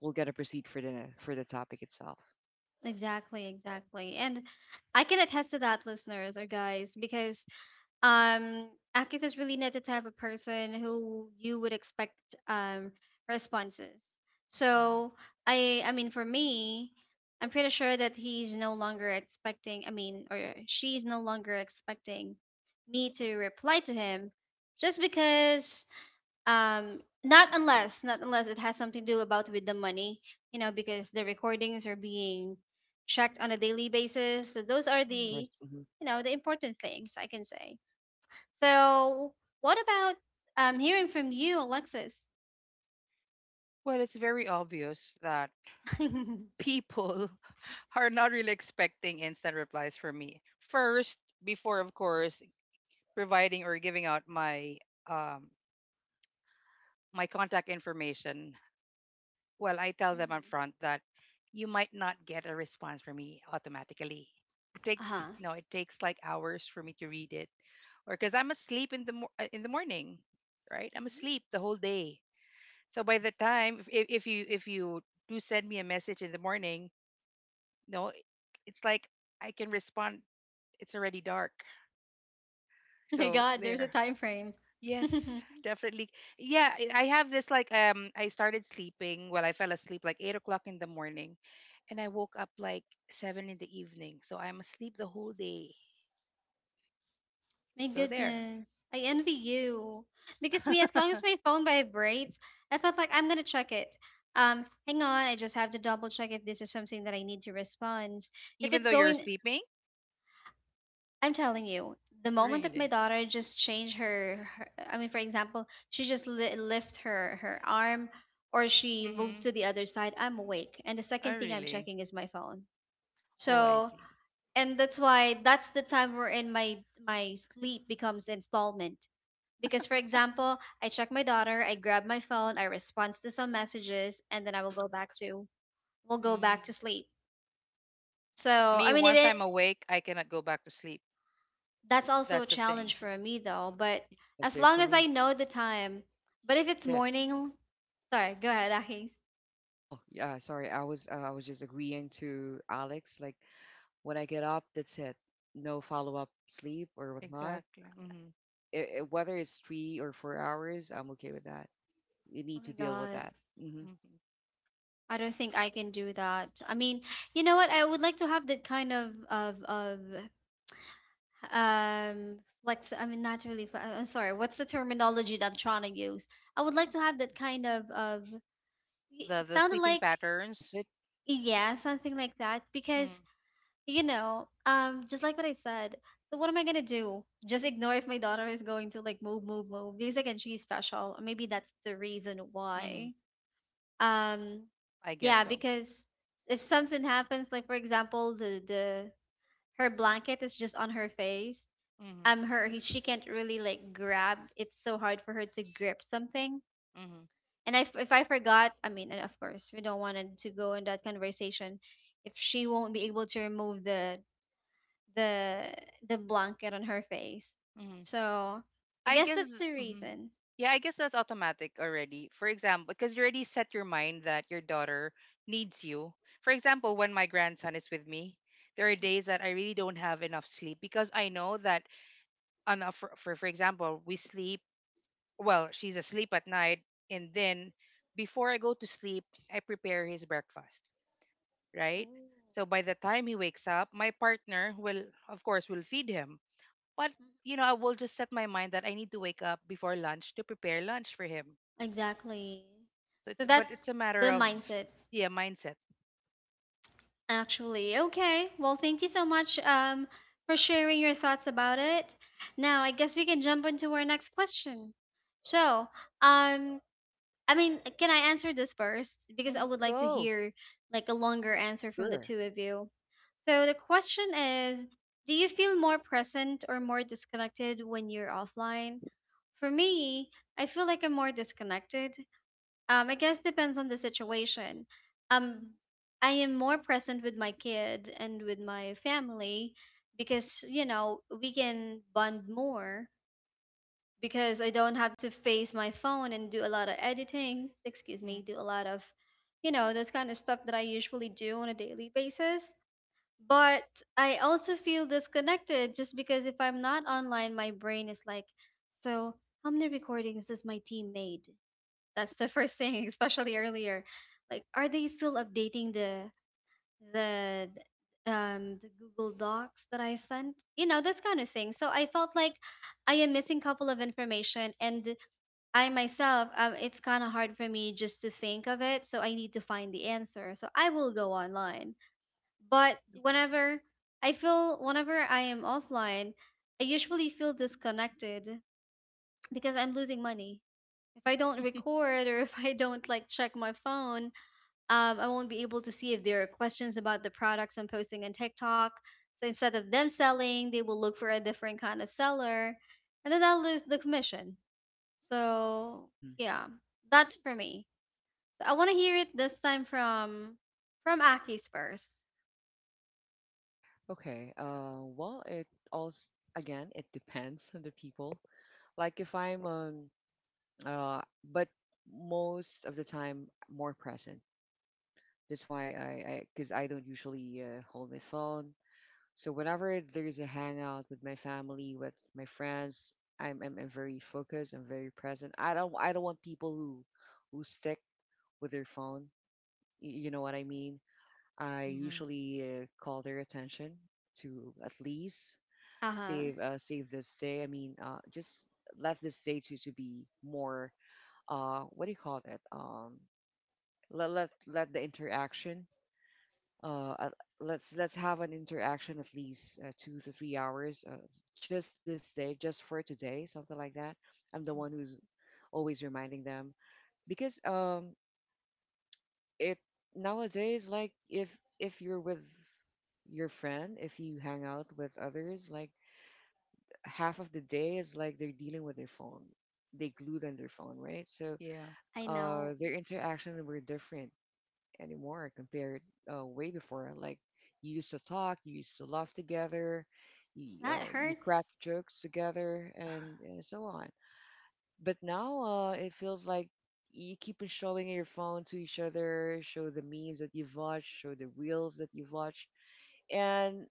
S2: we'll get a proceed for the topic itself.
S1: Exactly, exactly. And I can attest to that, listeners or guys, because Um, Akis is really not the type of person who you would expect um responses. So
S3: hmm
S1: I mean for me, I'm pretty sure that he's no longer expecting, I mean, or she's no longer expecting me to reply to him, just because not unless, not unless it has something to do about with the money, you know, because the recordings are being checked on a daily basis. So those are the,
S2: Of
S3: hmm
S2: course. Hmm.
S1: you know, the important things I can say. So, what about, hearing from you, Alexis?
S3: Well, it's very obvious that
S1: [laughs] Uh.
S3: people [laughs] are not really expecting instant replies from me. First, before, of course, providing or giving out my um my contact information, well, I tell them up
S1: Mm-hmm.
S3: front that you might not get a response from me automatically. It takes
S1: Huh.
S3: no, it takes like hours for me to read it, or because I'm asleep in the in the morning, right? I'm asleep
S1: Mm-hmm.
S3: the whole day. So by the time if, if you do send me a message in the morning, no, it's like I can respond. It's already dark.
S1: [laughs] My
S3: So
S1: God, there's a
S3: there.
S1: time frame. [laughs] My
S3: Yes, definitely. Yeah, I have this like I started sleeping well I fell asleep like 8 o'clock in the morning, and I woke up like 7 in the evening. So I'm asleep the whole day. So there.
S1: goodness, I envy you, because me, as long
S3: [laughs]
S1: as my phone vibrates, I felt like I'm gonna check it. Hang on, I just have to double check if this is something that I need to respond. If
S3: Even
S1: it's
S3: though you're
S1: going,
S3: sleeping?
S1: I'm telling you, the moment that my
S3: Really?
S1: daughter just changed her, her, I mean, for example, she just lift her her arm or she moves
S3: Mm-hmm.
S1: to the other side, I'm awake. And the
S3: I
S1: second thing I'm
S3: really.
S1: checking is my phone.
S3: Oh, I
S1: So,
S3: see.
S1: and that's why that's the time wherein my my sleep becomes installment. Because for example, I check my daughter, I grab my phone, I respond to some messages, and then I will go back
S3: Mm.
S1: to sleep. So
S3: Me,
S1: I mean,
S3: once
S1: it,
S3: I'm awake, I cannot go back to sleep.
S1: that's also a
S3: That's the thing.
S1: challenge for me though, but
S2: Yeah,
S1: as
S2: save for
S1: long as
S2: me,
S1: I know the time. But if it's
S2: that's it.
S1: morning, sorry, go ahead, Akis.
S2: Oh, yeah, sorry. I was just agreeing to Alex. Like, when I get up, that's it. No follow up sleep or whatnot.
S3: Exactly. Mm-hmm.
S2: Whether it's 3 or 4 hours, I'm okay with that. You
S1: Oh
S2: need
S1: my
S2: to deal with
S1: god.
S2: that. Mm-hmm.
S3: Mm-hmm.
S1: I don't think I can do that. I mean, you know what? I would like to have that kind of of flex, I mean, not really flex, I'm sorry. What's the terminology that I'm trying to use? I would like to have that kind of
S3: The
S1: it, sounded
S3: sleeping
S1: like
S3: patterns.
S2: Mindset,
S1: yeah, something like that,
S3: Mm.
S1: because you know, just like what I said. So what am I gonna do? Just ignore if my daughter is going to like move, move, move. Because again, she's special. Maybe that's the reason
S3: Mm-hmm.
S1: why. Um,
S3: I guess
S1: yeah,
S3: so.
S1: because if something happens, like for example, the her blanket is just on her face.
S3: Mm-hmm.
S1: She can't really like grab. It's so hard for her to grip something.
S3: Mm-hmm.
S1: And if I forgot, I mean, and of course, we don't want it to go in that conversation. If she won't be able to remove the the blanket on her face.
S3: Mm-hmm.
S1: So I
S3: I
S1: guess
S3: guess,
S1: that's the
S3: mhm.
S1: reason.
S3: Yeah, I guess that's automatic already. For example, because you already set your mind that your daughter needs you. For example, when my grandson is with me, there are days that I really don't have enough sleep because I know that, for example, we sleep. Well, she's asleep at night, and then before I go to sleep, I prepare his breakfast, right?
S1: Oh.
S3: So by the time he wakes up, my partner will, of course, will feed him. But I will just set my mind that I need to wake up before lunch to prepare lunch for him.
S1: Exactly.
S3: So
S1: So
S3: it's,
S1: that's
S3: but it's a matter
S1: the
S3: of,
S1: mindset,
S3: yeah, mindset.
S1: actually. Okay. Well, thank you so much, for sharing your thoughts about it. Now, I guess we can jump into our next question. So, um, I mean, can I answer this first? Because I
S3: Mm,
S1: would like to
S3: go.
S1: hear like a longer answer from the
S2: sure.
S1: two of you. So the question is, do you feel more present or more disconnected when you're offline? For me, I feel like I'm more disconnected. I guess depends on the situation. Um, I am more present with my kid and with my family because, you know, we can bond more because I don't have to face my phone and do a lot of editing, excuse me,
S3: Mm-hmm.
S1: do a lot of, you know, this kind of stuff that I usually do on a daily basis. But I also feel disconnected just because if I'm not online, my brain is like, so how many recordings does my team made? That's the [laughs] first thing, especially earlier. Like, are they still updating the the Google Docs that I sent? You know, this kind of thing. So I felt like I am missing couple of information, and I myself, it's kind of hard for me just to think of it, so I need to find the answer. So I will go online. But whenever I feel, whenever I am offline, I usually feel disconnected because I'm losing money. If I don't record, or [laughs] if I don't like check my phone, I won't be able to see if there are questions about the products I'm posting on TikTok. So instead of them selling, they will look for a different kind of seller, and then I'll lose the commission. So
S2: Hmm.
S1: yeah, that's for me. So I want to hear it this time from Aki's first.
S2: Okay. Well, it also, again, it depends [laughs] on the people. Like if I'm uh, but most of the time, more present. That's why I, because I don't usually hold my phone. So whenever there's a hangout with my family, with my friends, I'm very focused. I'm very present. I don't want people who stick with their phone. You know what I mean? I
S3: Mm-hmm.
S2: usually call their attention to at least
S1: Uh huh.
S2: save this day. I mean, just let this day to be more what do you call that? Let the interaction uh, uh, let's have an interaction at least 2 to 3 hours, just this day, just for today, something like that. I'm the one who's
S3: Mm-hmm.
S2: always reminding them because it nowadays, like if you're with your friend, if you hang out with others, like half of the day is like they're dealing with their phone. They glued on their phone, right? So
S3: Yeah.
S1: I know.
S2: their interaction were different anymore compared way before. Like you used to talk, you used to laugh together,
S1: That
S2: you crack
S1: hurts.
S2: jokes together, and so on. But now it feels like you keep on showing your phone to each other, show the memes that you've watched, show the reels that you've watched, and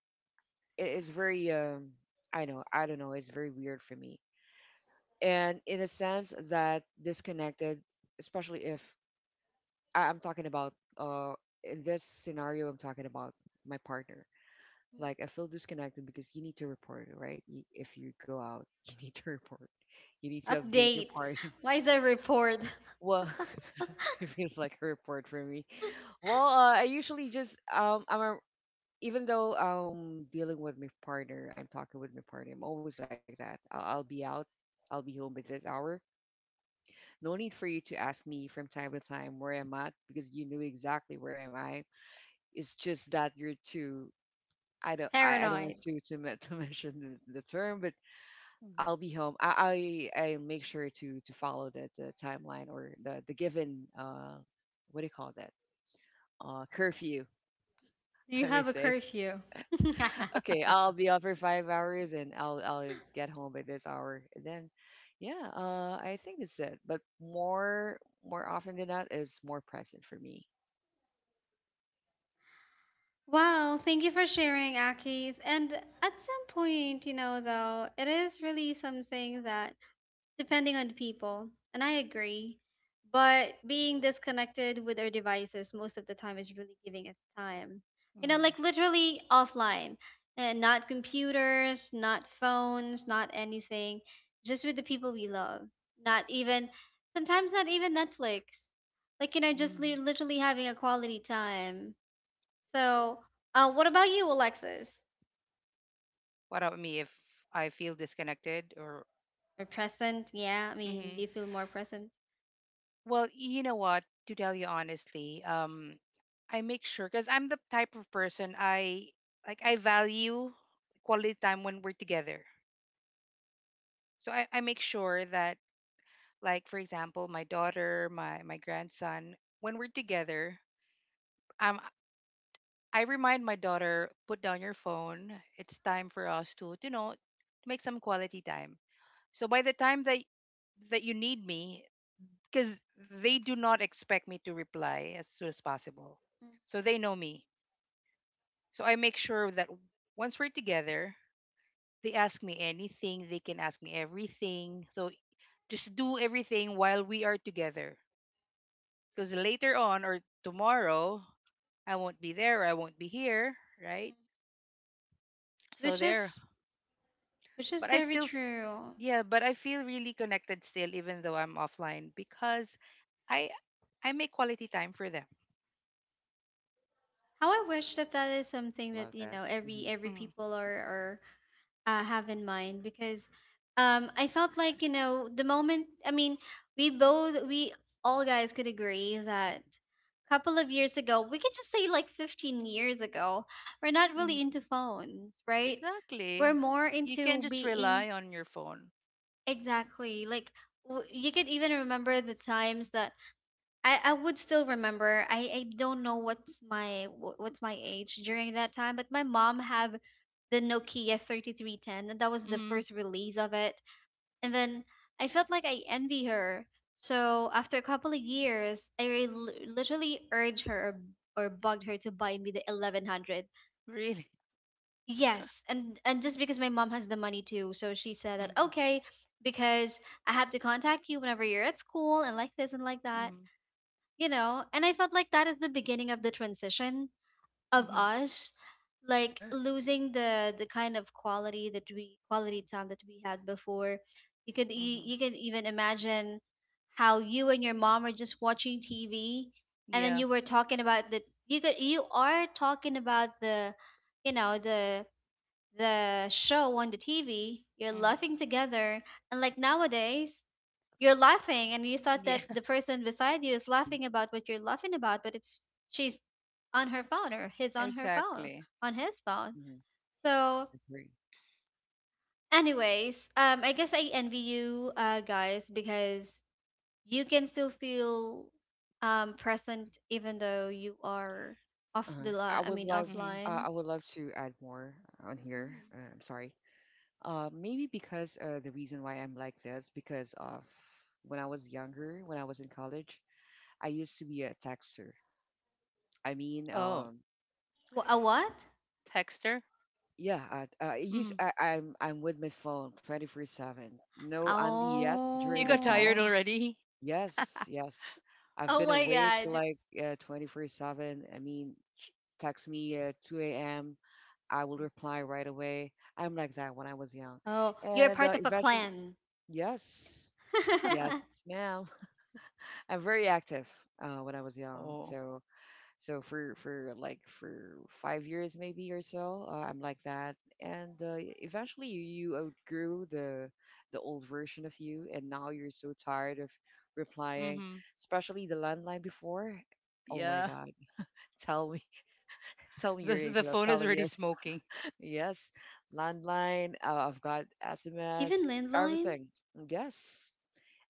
S2: it is very I don't know, it's very weird for me. And in a sense that disconnected, especially if I- I'm talking about uh I'm talking about my partner. Like I feel disconnected because you need to report, right? Y if you go out, [laughs] you need to report. You need to update your
S1: Update.
S2: part. [laughs]
S1: Why is a report?
S2: Well, [laughs] it feels like a report for me. Well, I usually just even though dealing with my partner, I'm talking with my partner. I'm always like that. I'll be out. I'll be home by this hour. No need for you to ask me from time to time where I'm at because you knew exactly where am I. It's just that you're too. I
S1: [laughs]
S2: don't. I don't
S1: Paranoid?
S2: want to, [laughs] to mention the term, but
S3: Mm-hmm.
S2: I'll be home. I make sure to follow the timeline or the given what do you call that, curfew,
S1: Do
S2: [laughs]
S1: you
S2: I may
S1: have a
S2: say.
S1: curfew? [laughs]
S2: Okay, I'll be out for 5 hours and I'll get home by this hour. And then, yeah, I think that's it. But more often than not is more present for me.
S1: Well, thank you for sharing, Akis. And at some point, you know, though, it is really something that, depending on the people. And I agree. But being disconnected with our devices most of the time is really giving us time. You know,
S3: Hmm.
S1: like
S3: [laughs]
S1: literally offline and not computers, not phones, not anything, just with the people we love. Not even, sometimes not even Netflix. Like, you know, just literally having a quality time. So, what about you, Alexis?
S3: What about me if I feel disconnected or?
S1: Or present? Yeah, I mean,
S3: Mm-hmm.
S1: do you feel more present?
S3: Well, you know what? To tell you honestly, I make sure because I'm the type of person I like. I value quality time when we're together. So I make sure that, like for example, my daughter, my grandson, when we're together, um, I remind my daughter, put down your phone. It's time for us to make some quality time. So by the time that you need me, because they do not expect me to reply as soon as possible.
S1: Mm.
S3: So they know me. So I make sure that once we're together, they ask me anything, they can ask me everything. So just do everything while we are together. Because later on or tomorrow, I won't be there, I won't be here, right? So
S1: Which
S3: there.
S1: is, which is
S3: But I
S1: very
S3: still,
S1: true.
S3: yeah, but I feel really connected still, even though I'm offline, because I I make quality time for them.
S1: How I wish that that is
S2: I
S1: something
S2: love
S1: that, you
S2: that.
S1: know,
S2: Hmm.
S1: every
S3: Mm-hmm.
S1: people are, have in mind, because I felt like you know the moment, I mean, we all guys could agree that a couple of years ago, we could just say like 15 years ago, we're not really into phones, right? We're
S3: Exactly.
S1: more
S3: You can't
S1: into
S3: just
S1: being,
S3: rely on your phone.
S1: exactly, like you could even remember the times that I would still remember. I don't know what's my what's my age during that time, but my mom have the Nokia 3310, and that was the
S3: Mm-hmm.
S1: first
S3: [laughs]
S1: release of it. And then I felt like I envy her. So after a couple of years, I literally urged her, or bugged her to buy me the 1100.
S3: Really.
S1: Yes, and just because my mom has the money too, so she said that
S3: Mm-hmm.
S1: okay because I have to contact you whenever you're at school and like this and like that,
S3: Mm-hmm.
S1: you know, and I felt like that is the beginning of the transition of
S3: Mm-hmm.
S1: us, like
S2: Yeah.
S1: losing the kind of quality that we, quality time that we had before. You could
S3: Mm-hmm.
S1: you can even imagine how you and your mom are just watching TV and then
S3: Yeah.
S1: you were talking about the you could you are talking about the you know the show on the TV, you're
S3: Mm-hmm.
S1: laughing together. And like nowadays, you're laughing and you thought
S3: Yeah.
S1: that the
S3: [laughs]
S1: person beside you is
S2: Mm-hmm.
S1: laughing about what you're laughing about, but it's, she's on her phone, or he's on her phone,
S3: Exactly.
S1: on his phone. So
S2: Hmm.
S1: anyways, I guess I envy you, guys, because you can still feel present even though you are off
S2: Uh,
S1: the
S2: I
S1: line, I
S2: would
S1: mean
S2: love
S3: Mm-hmm.
S1: offline.
S2: I would love to add more on here.
S1: Hmm.
S2: I'm sorry. Maybe because the reason why I'm like this because of when I was younger, when I was in college, I used to be a texter. I mean,
S3: Oh,
S1: A what?
S3: texter?
S2: yeah,
S3: Mm-hmm.
S2: I, I'm with my phone 24/7. No only yet
S3: You
S2: during the
S3: got tired
S1: Oh.
S2: time.
S3: already?
S2: Yes,
S3: [laughs]
S2: yes. I've
S1: Oh
S2: been
S1: my
S2: awake
S1: god.
S2: like 24/7. I mean, text me 2 a.m. I will reply right away. I'm like that when I was young.
S1: Oh, you're
S2: And
S1: part of a
S2: eventually,
S1: clan.
S2: yes, yes,
S1: [laughs]
S2: ma'am. [laughs] I'm very active when I was young.
S3: Oh.
S2: So, for like for 5 years maybe or so, I'm like that. And eventually, you outgrew the old version of you, and now you're so tired of replying,
S3: Mm-hmm.
S2: especially the landline before. Oh my
S3: Yeah.
S2: God! Tell me, [laughs] tell me
S3: The
S2: your age
S3: the
S2: without
S3: phone is
S2: telling me.
S3: already smoking.
S2: Yes, landline. I've got SMS,
S1: Even landline.
S2: everything. Yes,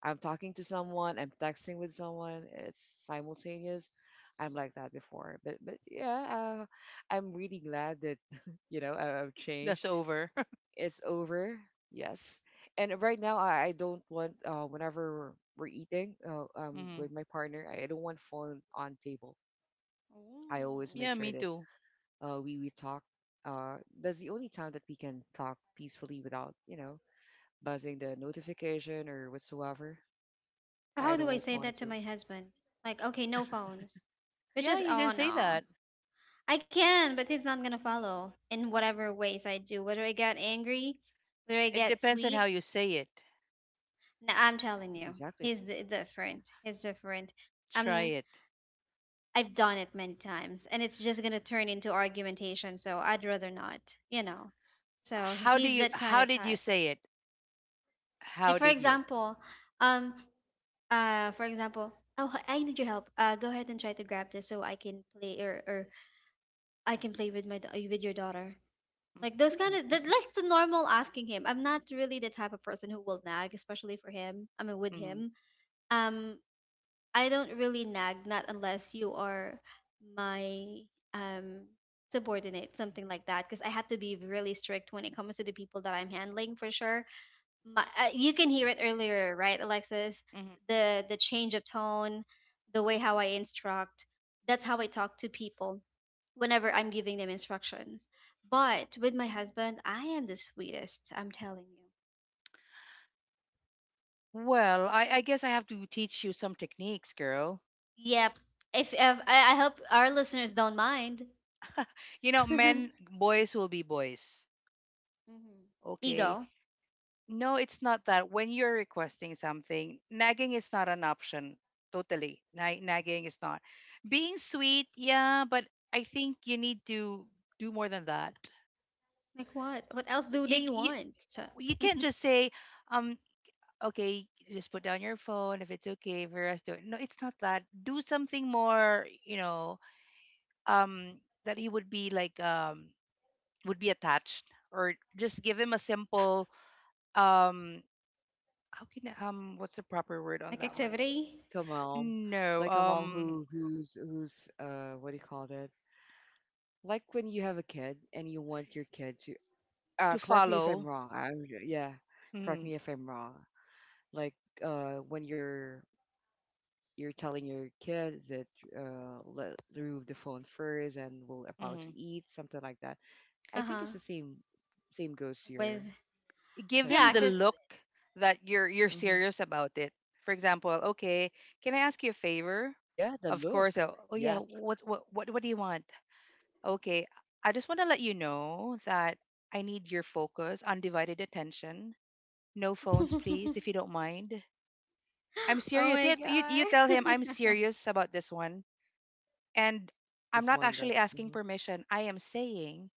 S2: I'm talking to someone. I'm texting with someone. It's simultaneous. I'm like that before, but yeah, I'm really glad that [laughs] you know I've
S3: That's
S2: changed.
S3: over. [laughs]
S2: It's over. Yes, and right now, I don't want, whenever we're eating,
S3: Mm-hmm.
S2: with my partner, I don't want phone on table. I always make
S3: Yeah,
S1: Ooh.
S2: sure
S3: me
S2: that
S3: too.
S2: we talk. Uh, that's the only time that we can talk peacefully without, you know, buzzing the notification or whatsoever.
S1: So how
S2: I don't
S1: do I
S2: want
S1: say
S3: Mm.
S2: Fauna
S1: that to
S2: to
S1: my husband? Like, okay, no phones. Which
S3: Yeah,
S1: is,
S3: you can
S1: oh
S3: say that.
S1: no, I can, but he's not gonna follow in whatever ways I do. Whether I get angry, whether I
S3: It
S1: get
S3: depends on how
S1: sweet,
S3: you say it.
S1: no, I'm telling you,
S2: exactly,
S1: he's different. He's different.
S3: Try
S1: Um,
S3: it.
S1: I've done it many times, and it's just gonna turn into argumentation. So I'd rather not, you know. So he's that kind
S3: How
S1: of
S3: did you
S1: type.
S3: say it?
S1: Like
S3: How
S1: for
S3: did you?
S1: example, um, uh for example, oh, I need your help. Go ahead and try to grab this so I can play, or I can play with my with your daughter. Like those kind of, that,
S2: hmm,
S1: like the normal asking him. I'm not really the type of person who will nag, especially for him, I mean with
S3: Mm.
S1: him. um I don't really nag, not unless you are my, um subordinate, something like that, because I have to be really strict when it comes to the people that I'm handling, for sure. My, you can hear it earlier, right, Alexis?
S3: Mhm.
S1: The change of tone, the way how I instruct. That's how I talk to people whenever I'm giving them instructions. But with my husband, I am the sweetest. I'm telling you.
S3: Well, I guess I have to teach you some techniques, girl.
S1: Yep. If I, I hope our listeners don't mind. [laughs]
S3: You know, men, boys will be boys.
S1: Mhm.
S3: Okay.
S1: Ego.
S3: No, it's not that. When you're requesting something, nagging is not an option. Totally. Nagging is not. Being sweet, yeah, but I think you need to do more than that.
S1: Like what? What else do
S3: You,
S1: they
S3: c-
S1: want?
S3: you
S1: Ch-
S3: can't just say, um, okay, just put down your phone if it's okay for us to. No, it's not that. Do something more, um that he would be like, would be attached, or just give him a simple, um how can what's the proper word on
S1: Like
S3: that one?
S1: activity?
S2: like a mom,
S3: No,
S2: like a mom who who's what do you call that? Like when you have a kid and you want your kid to
S3: to
S2: correct me if I'm
S3: follow.
S2: wrong. I'm yeah, correct
S3: mm,
S2: me if I'm wrong. Like when you're telling your kid that let remove the phone first and we're about
S3: hmm
S2: to eat, something like that. I
S1: Uh
S2: think
S1: huh.
S2: it's the same, same goes to
S1: With,
S2: your
S3: give him
S1: yeah,
S3: the
S2: husband.
S1: cause.
S3: look that you're
S2: Hmm.
S3: serious about it. For example, okay, can I ask you a favor?
S2: Yeah, the
S3: Of course.
S2: look.
S3: Oh yeah,
S2: Yes,
S3: what's what do you want? Okay, I just want to let you know that I need your focus undivided attention. No
S1: [laughs]
S3: phones, please,
S1: Oh
S3: if you don't mind. I'm serious.
S1: my
S3: Yeah, you tell him I'm
S1: god. [laughs]
S3: serious about this one. And I'm
S2: just
S3: not
S2: one look.
S3: actually asking
S2: Hmm.
S3: permission. I am saying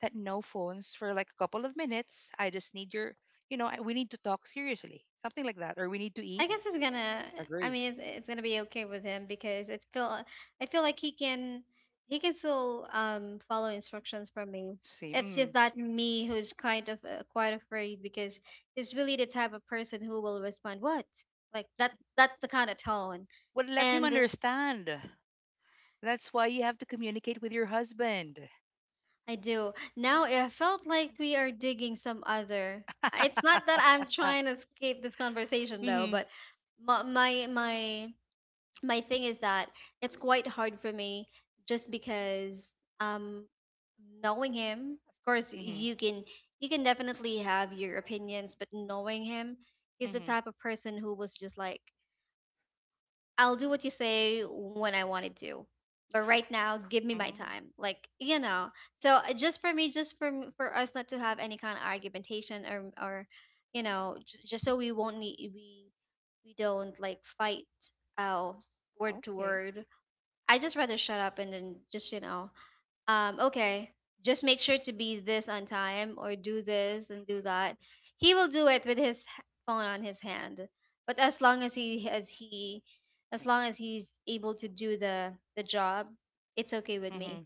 S3: that no phones for like a couple of minutes. I just need your, we need to talk seriously. Something like that. Or we need to
S1: I
S3: eat.
S2: Hmm.
S1: guess it's gonna. I
S2: Agree.
S1: mean, it's gonna be okay with him because it's feel. I feel like he can. He can still follow instructions from me.
S3: See.
S1: It's just
S3: Mm.
S1: that me who's kind of quite afraid because he's really the type of person who will respond, what, like that. That's the kind of tone,
S3: Well, let him
S1: and
S3: understand. That's why you have to communicate with your husband.
S1: I do now. It felt like we are digging some other. It's not that I'm
S3: [laughs]
S1: trying to escape this conversation though,
S3: Mm-hmm,
S1: but my my thing is that it's quite hard for me just because, um knowing him, of course
S3: mm-hmm,
S1: you can, you can definitely have your opinions, but knowing him, he's the
S3: mm-hmm,
S1: type of person who was just like, I'll do what you say when I wanted to, but right now give me my
S3: mm-hmm.
S1: time, like, you know. So just for me, just for for us not to have any kind of argumentation, or, you know, just so we won't need, we don't like fight, uh word to
S3: Okay.
S1: word. I just rather shut up and then just, you know, okay, just make sure to be this on time or do this and do that. He will do it with his phone on his hand. But as long as he, as he, as long as he's able to do the job, it's okay with me.
S3: Mm-hmm.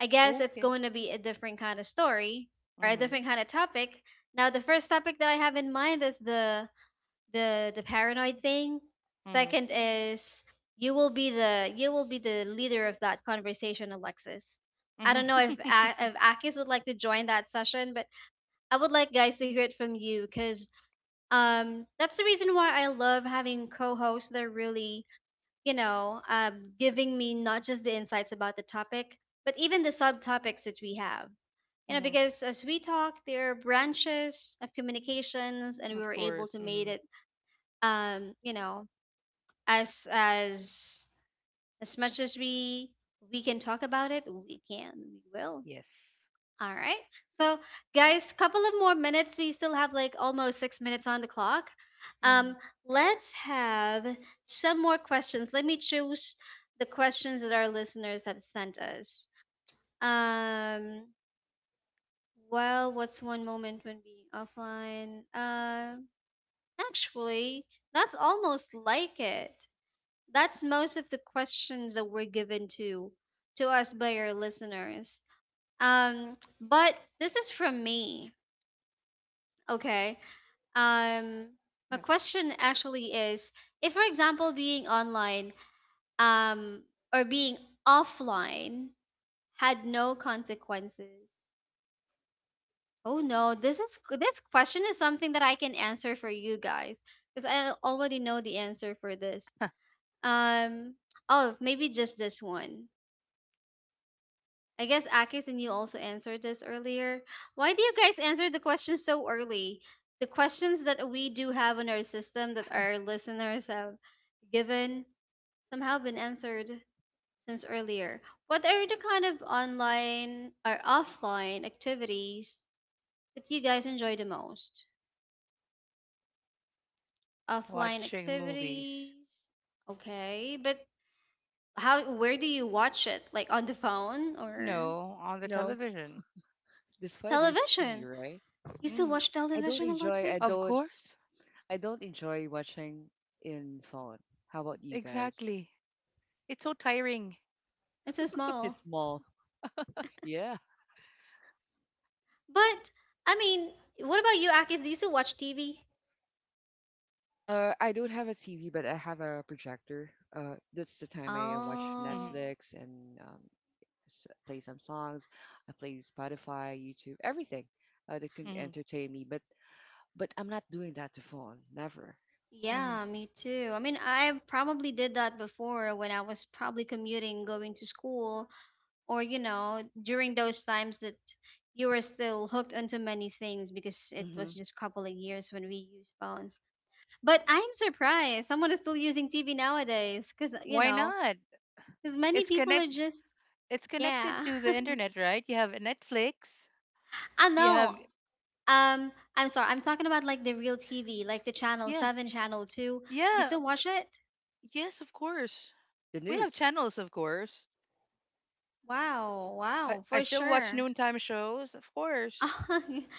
S1: I guess it's
S3: Okay.
S1: going to be a different kind of story or a
S3: Mm-hmm.
S1: different kind of topic. Now the first topic that I have in mind is the paranoid thing.
S3: Mm-hmm.
S1: Second is, you will be the, you will be the leader of that conversation, Alexis. I don't know if
S3: Mm-hmm. [laughs]
S1: If Akis would like to join that session, but I would like guys to hear it from you because, that's the reason why I love having co-hosts that are really, you know, giving me not just the insights about the topic, but even the subtopics that we have, you know,
S3: Mm-hmm.
S1: because as we talk there are branches of communications and we
S3: Of
S1: were able to
S3: course.
S1: made
S3: Mm-hmm.
S1: it. You know, as as much as we can talk about it, we can, we will.
S3: Yes.
S1: All right, so guys, couple of more minutes, we still have like almost 6 minutes on the clock.
S3: Mm-hmm.
S1: um let's have some more questions. Let me choose the questions that our listeners have sent us. um well, what's one moment when being offline, actually, that's almost like it. That's most of the questions that were given to us by our listeners. But this is from me, okay? Um,
S2: Go
S1: my
S2: ahead.
S1: question actually is, if for example being online, um, or being offline had no consequences. Oh no, this is, this question is something that I can answer for you guys because I already know the answer for this. Um, oh, maybe just this one. I guess Akis and you also answered this earlier. Why do you guys answer the questions so early? The questions that we do have in our system that our listeners have given somehow been answered since earlier. What are the kind of online or offline activities that you guys enjoy the most?
S3: [laughs]
S1: Offline
S3: Watching movies.
S1: activities. Okay, but how, where do you watch it? Like on the phone or
S3: No, on the
S2: No,
S3: television.
S2: despite there's TV,
S1: television?
S2: right?
S1: You still
S3: Mm.
S1: watch
S2: I don't
S1: television,
S2: enjoy. I
S1: Alexis?
S3: Of
S2: don't.
S3: course.
S2: I don't enjoy watching in phone. How about you guys?
S3: Exactly. It's so tiring.
S1: It's so
S2: It's
S1: small.
S2: small. Yeah.
S1: But I mean, what about you, Akis? Do you still watch TV?
S2: I don't have a TV, but I have a projector. That's the time I watch
S3: Mm-hmm.
S1: Oh,
S2: Netflix and play some songs. I play Spotify, YouTube, everything that can
S3: Mm-hmm.
S2: entertain me. But I'm not doing that to phone. Never.
S3: Mm-hmm.
S1: yeah, me too. I mean, I probably did that before when I was probably commuting, going to school, or you know, during those times that you were still hooked onto many things because it
S2: Hmm.
S1: was just a couple of years when we used phones. But I'm surprised someone is still using TV nowadays because, you
S3: Why
S1: know,
S3: not?
S1: because many
S3: It's
S1: people are
S3: connect.
S1: just,
S3: It's connected
S1: yeah.
S3: to the internet, right? You have Netflix.
S1: [laughs] I
S3: You have.
S1: know. I'm sorry. I'm talking about like the real TV, like the channel
S3: Yeah,
S1: 7, channel 2. Do you
S3: yeah.
S1: still watch it?
S3: Yes, of course.
S2: The
S3: We have
S2: news.
S3: channels, of course.
S1: Wow,
S3: I
S1: wow,
S3: I
S1: for
S3: still watch
S1: sure.
S3: noontime shows, of course.
S1: [laughs]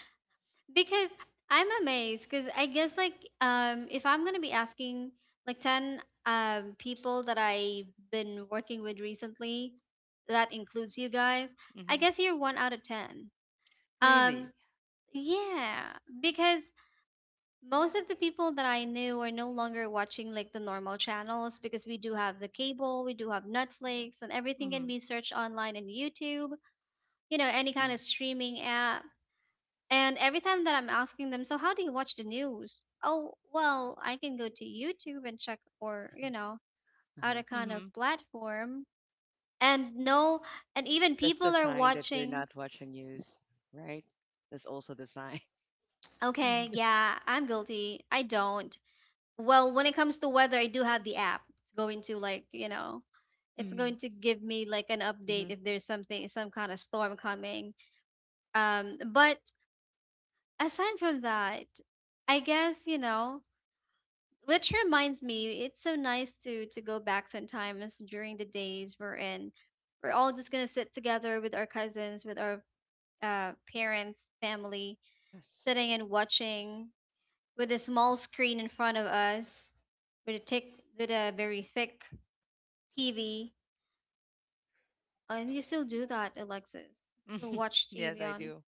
S1: Because I'm amazed because I guess like, if I'm gonna be asking like 10 people that I've been working with recently, that includes you guys, I
S3: Mm-hmm.
S1: guess you're one out of 10. Um,
S3: Really.
S1: yeah, because most of the people that I knew are no longer watching like the normal channels because we do have the cable, we do have Netflix, and everything can
S3: Mm-hmm.
S1: be searched online and YouTube, you know, any kind
S2: Hmm.
S1: of streaming app. And every time that I'm asking them, so how do you watch the news? Oh, well, I can go to YouTube and check or, you know, other
S2: Uh-huh.
S1: kind of
S3: Mm-hmm.
S1: platform. And no, and even
S2: That's a
S1: people are
S2: sign that they're
S1: watching.
S2: not watching news, right? That's also the sign.
S1: Okay, yeah, I'm guilty. I don't. Well, when it comes to weather, I do have the app. It's going to like, you know, it's
S3: Mm-hmm.
S1: going to give me like an
S2: [laughs]
S1: update
S2: Hmm.
S1: if there's something, some kind of storm coming, but aside from that, I guess, you know, which reminds me, it's so nice to go back sometimes during the days we're in, we're all just gonna sit together with our cousins, with our, parents, family,
S2: Yes.
S1: sitting and watching with a small screen in front of us, with a thick, with a very thick TV. And you still do that, Alexis. Still
S3: [laughs]
S1: watch
S3: Yes,
S1: TV
S3: I
S1: on.
S3: do.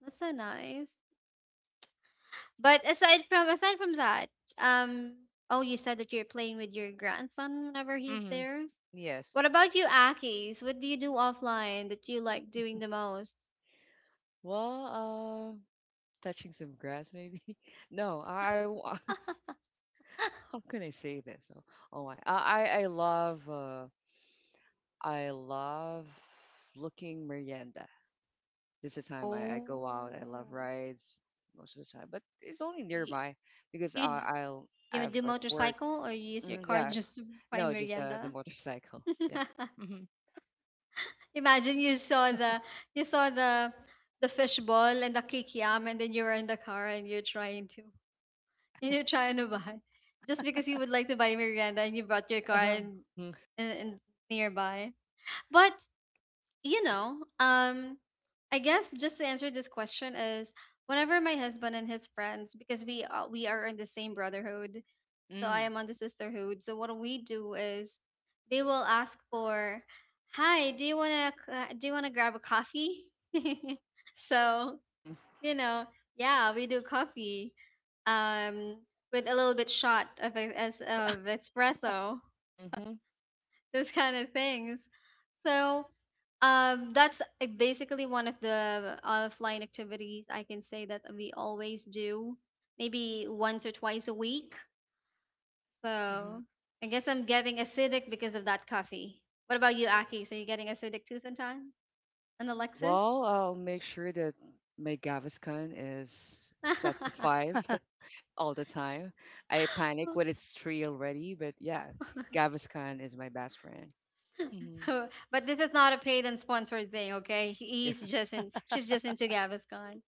S1: That's so nice. But aside from, aside from that, um, oh, you said that you're playing with your grandson whenever he's
S3: Hmm.
S1: there. What
S3: Yes.
S1: about you, Akis? What do you do offline that you like doing the most?
S2: Well, touching some grass maybe. [laughs] No, how can I say this? Oh, oh I, I, I love, uh, I love looking merienda. This is the time I
S1: Oh,
S2: go out. I love rides most of the time, but it's only
S1: you,
S2: nearby because
S1: you,
S2: I'll,
S1: you
S2: I've
S1: do
S2: got work.
S1: motorcycle or you use your
S2: Hmm.
S1: car
S2: Yeah,
S1: [laughs] just to find
S2: no, just the
S1: merienda?
S2: motorcycle. [laughs]
S1: [laughs]
S3: Hmm.
S1: Imagine you saw the, you saw the fish ball and the kikiam and then you were in the car and you're trying to, and you're trying to buy, just because you would like to buy Miranda and you brought your car,
S3: Uh-huh.
S2: Yeah. Hmm.
S1: and nearby. But you know, I guess just to answer this question is, whenever my husband and his friends, because we, we are in the same brotherhood, so I
S3: Mm.
S1: am on the sisterhood. So what we do is they will ask for, "Hi, do you wanna do you wanna grab a coffee?" [laughs] So,
S2: Hmm.
S1: you know, yeah, we do coffee, um, with a little bit shot of of espresso,
S2: Hmm.
S1: [laughs] those kind of things. So that's basically one of the offline activities I can say that we always do, maybe once or twice a week.
S3: Hmm.
S1: So I guess I'm getting acidic because of that coffee. What about you, Aki? So you're getting acidic too sometimes? And Alexis?
S2: Well, I'll make sure that my Gaviscon is set to five. [laughs] All the time. I panic when it's three already, but yeah, Gaviscon is my best friend. [laughs]
S1: [laughs]
S3: Hmm.
S1: [laughs] But this is not a paid and sponsored thing, okay?
S2: Yeah.
S1: He's just in, she's
S3: Like,
S1: just into Gaviscon.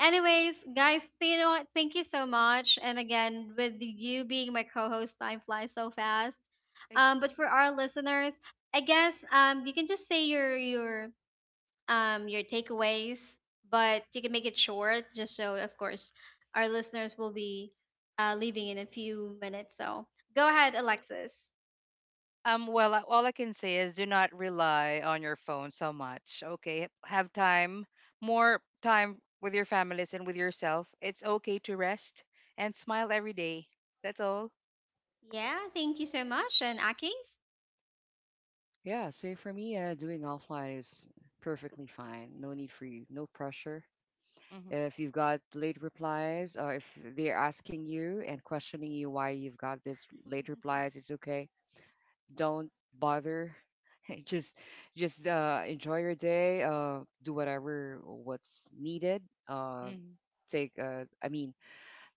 S1: Anyways, guys, so you know what? Thank you so much. And again, with you being my co-host, time flies so fast.
S3: [laughs]
S1: But for our listeners, I guess, you can just say your, your takeaways, but you can make it short, just so of course our listeners will be, leaving in a few minutes. So go ahead, Alexis.
S3: Well, all I can say is do not rely on your phone so much. Okay. Have time, more time with your families and with yourself. It's okay to rest and smile every day. That's all.
S1: Yeah, thank you so much, and Akis.
S2: Yeah, so for me, doing offline is perfectly fine. No need for you, no pressure.
S3: Mm-hmm.
S2: If you've got late replies or if they're asking you and questioning you why you've got this late
S1: [laughs]
S2: replies, it's okay. Don't bother. [laughs] Just enjoy your day. Do whatever what's needed.
S3: Hmm.
S2: Take I mean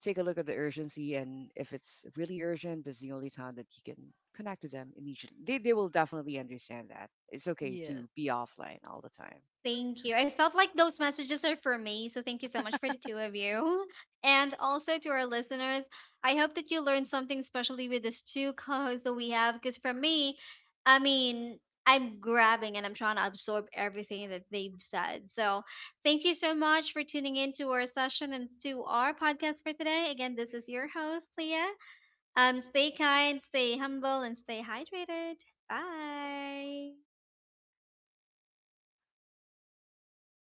S2: take a look at the urgency, and if it's really urgent, this is the only time that you can connect to them immediately. They will definitely understand that. It's okay to
S3: Yes.
S2: be offline all the time.
S1: Thank you. I felt like those messages are for me, so thank you so much for the two of you. [laughs] And also to our listeners, I hope that you learned something, especially with these two co-hosts that we have. Because for me, I mean, I'm grabbing and I'm trying to absorb everything that they've said. So thank you so much for tuning in to our session and to our podcast for today. Again, this is your host, Leah. Stay kind, stay humble, and stay hydrated. Bye.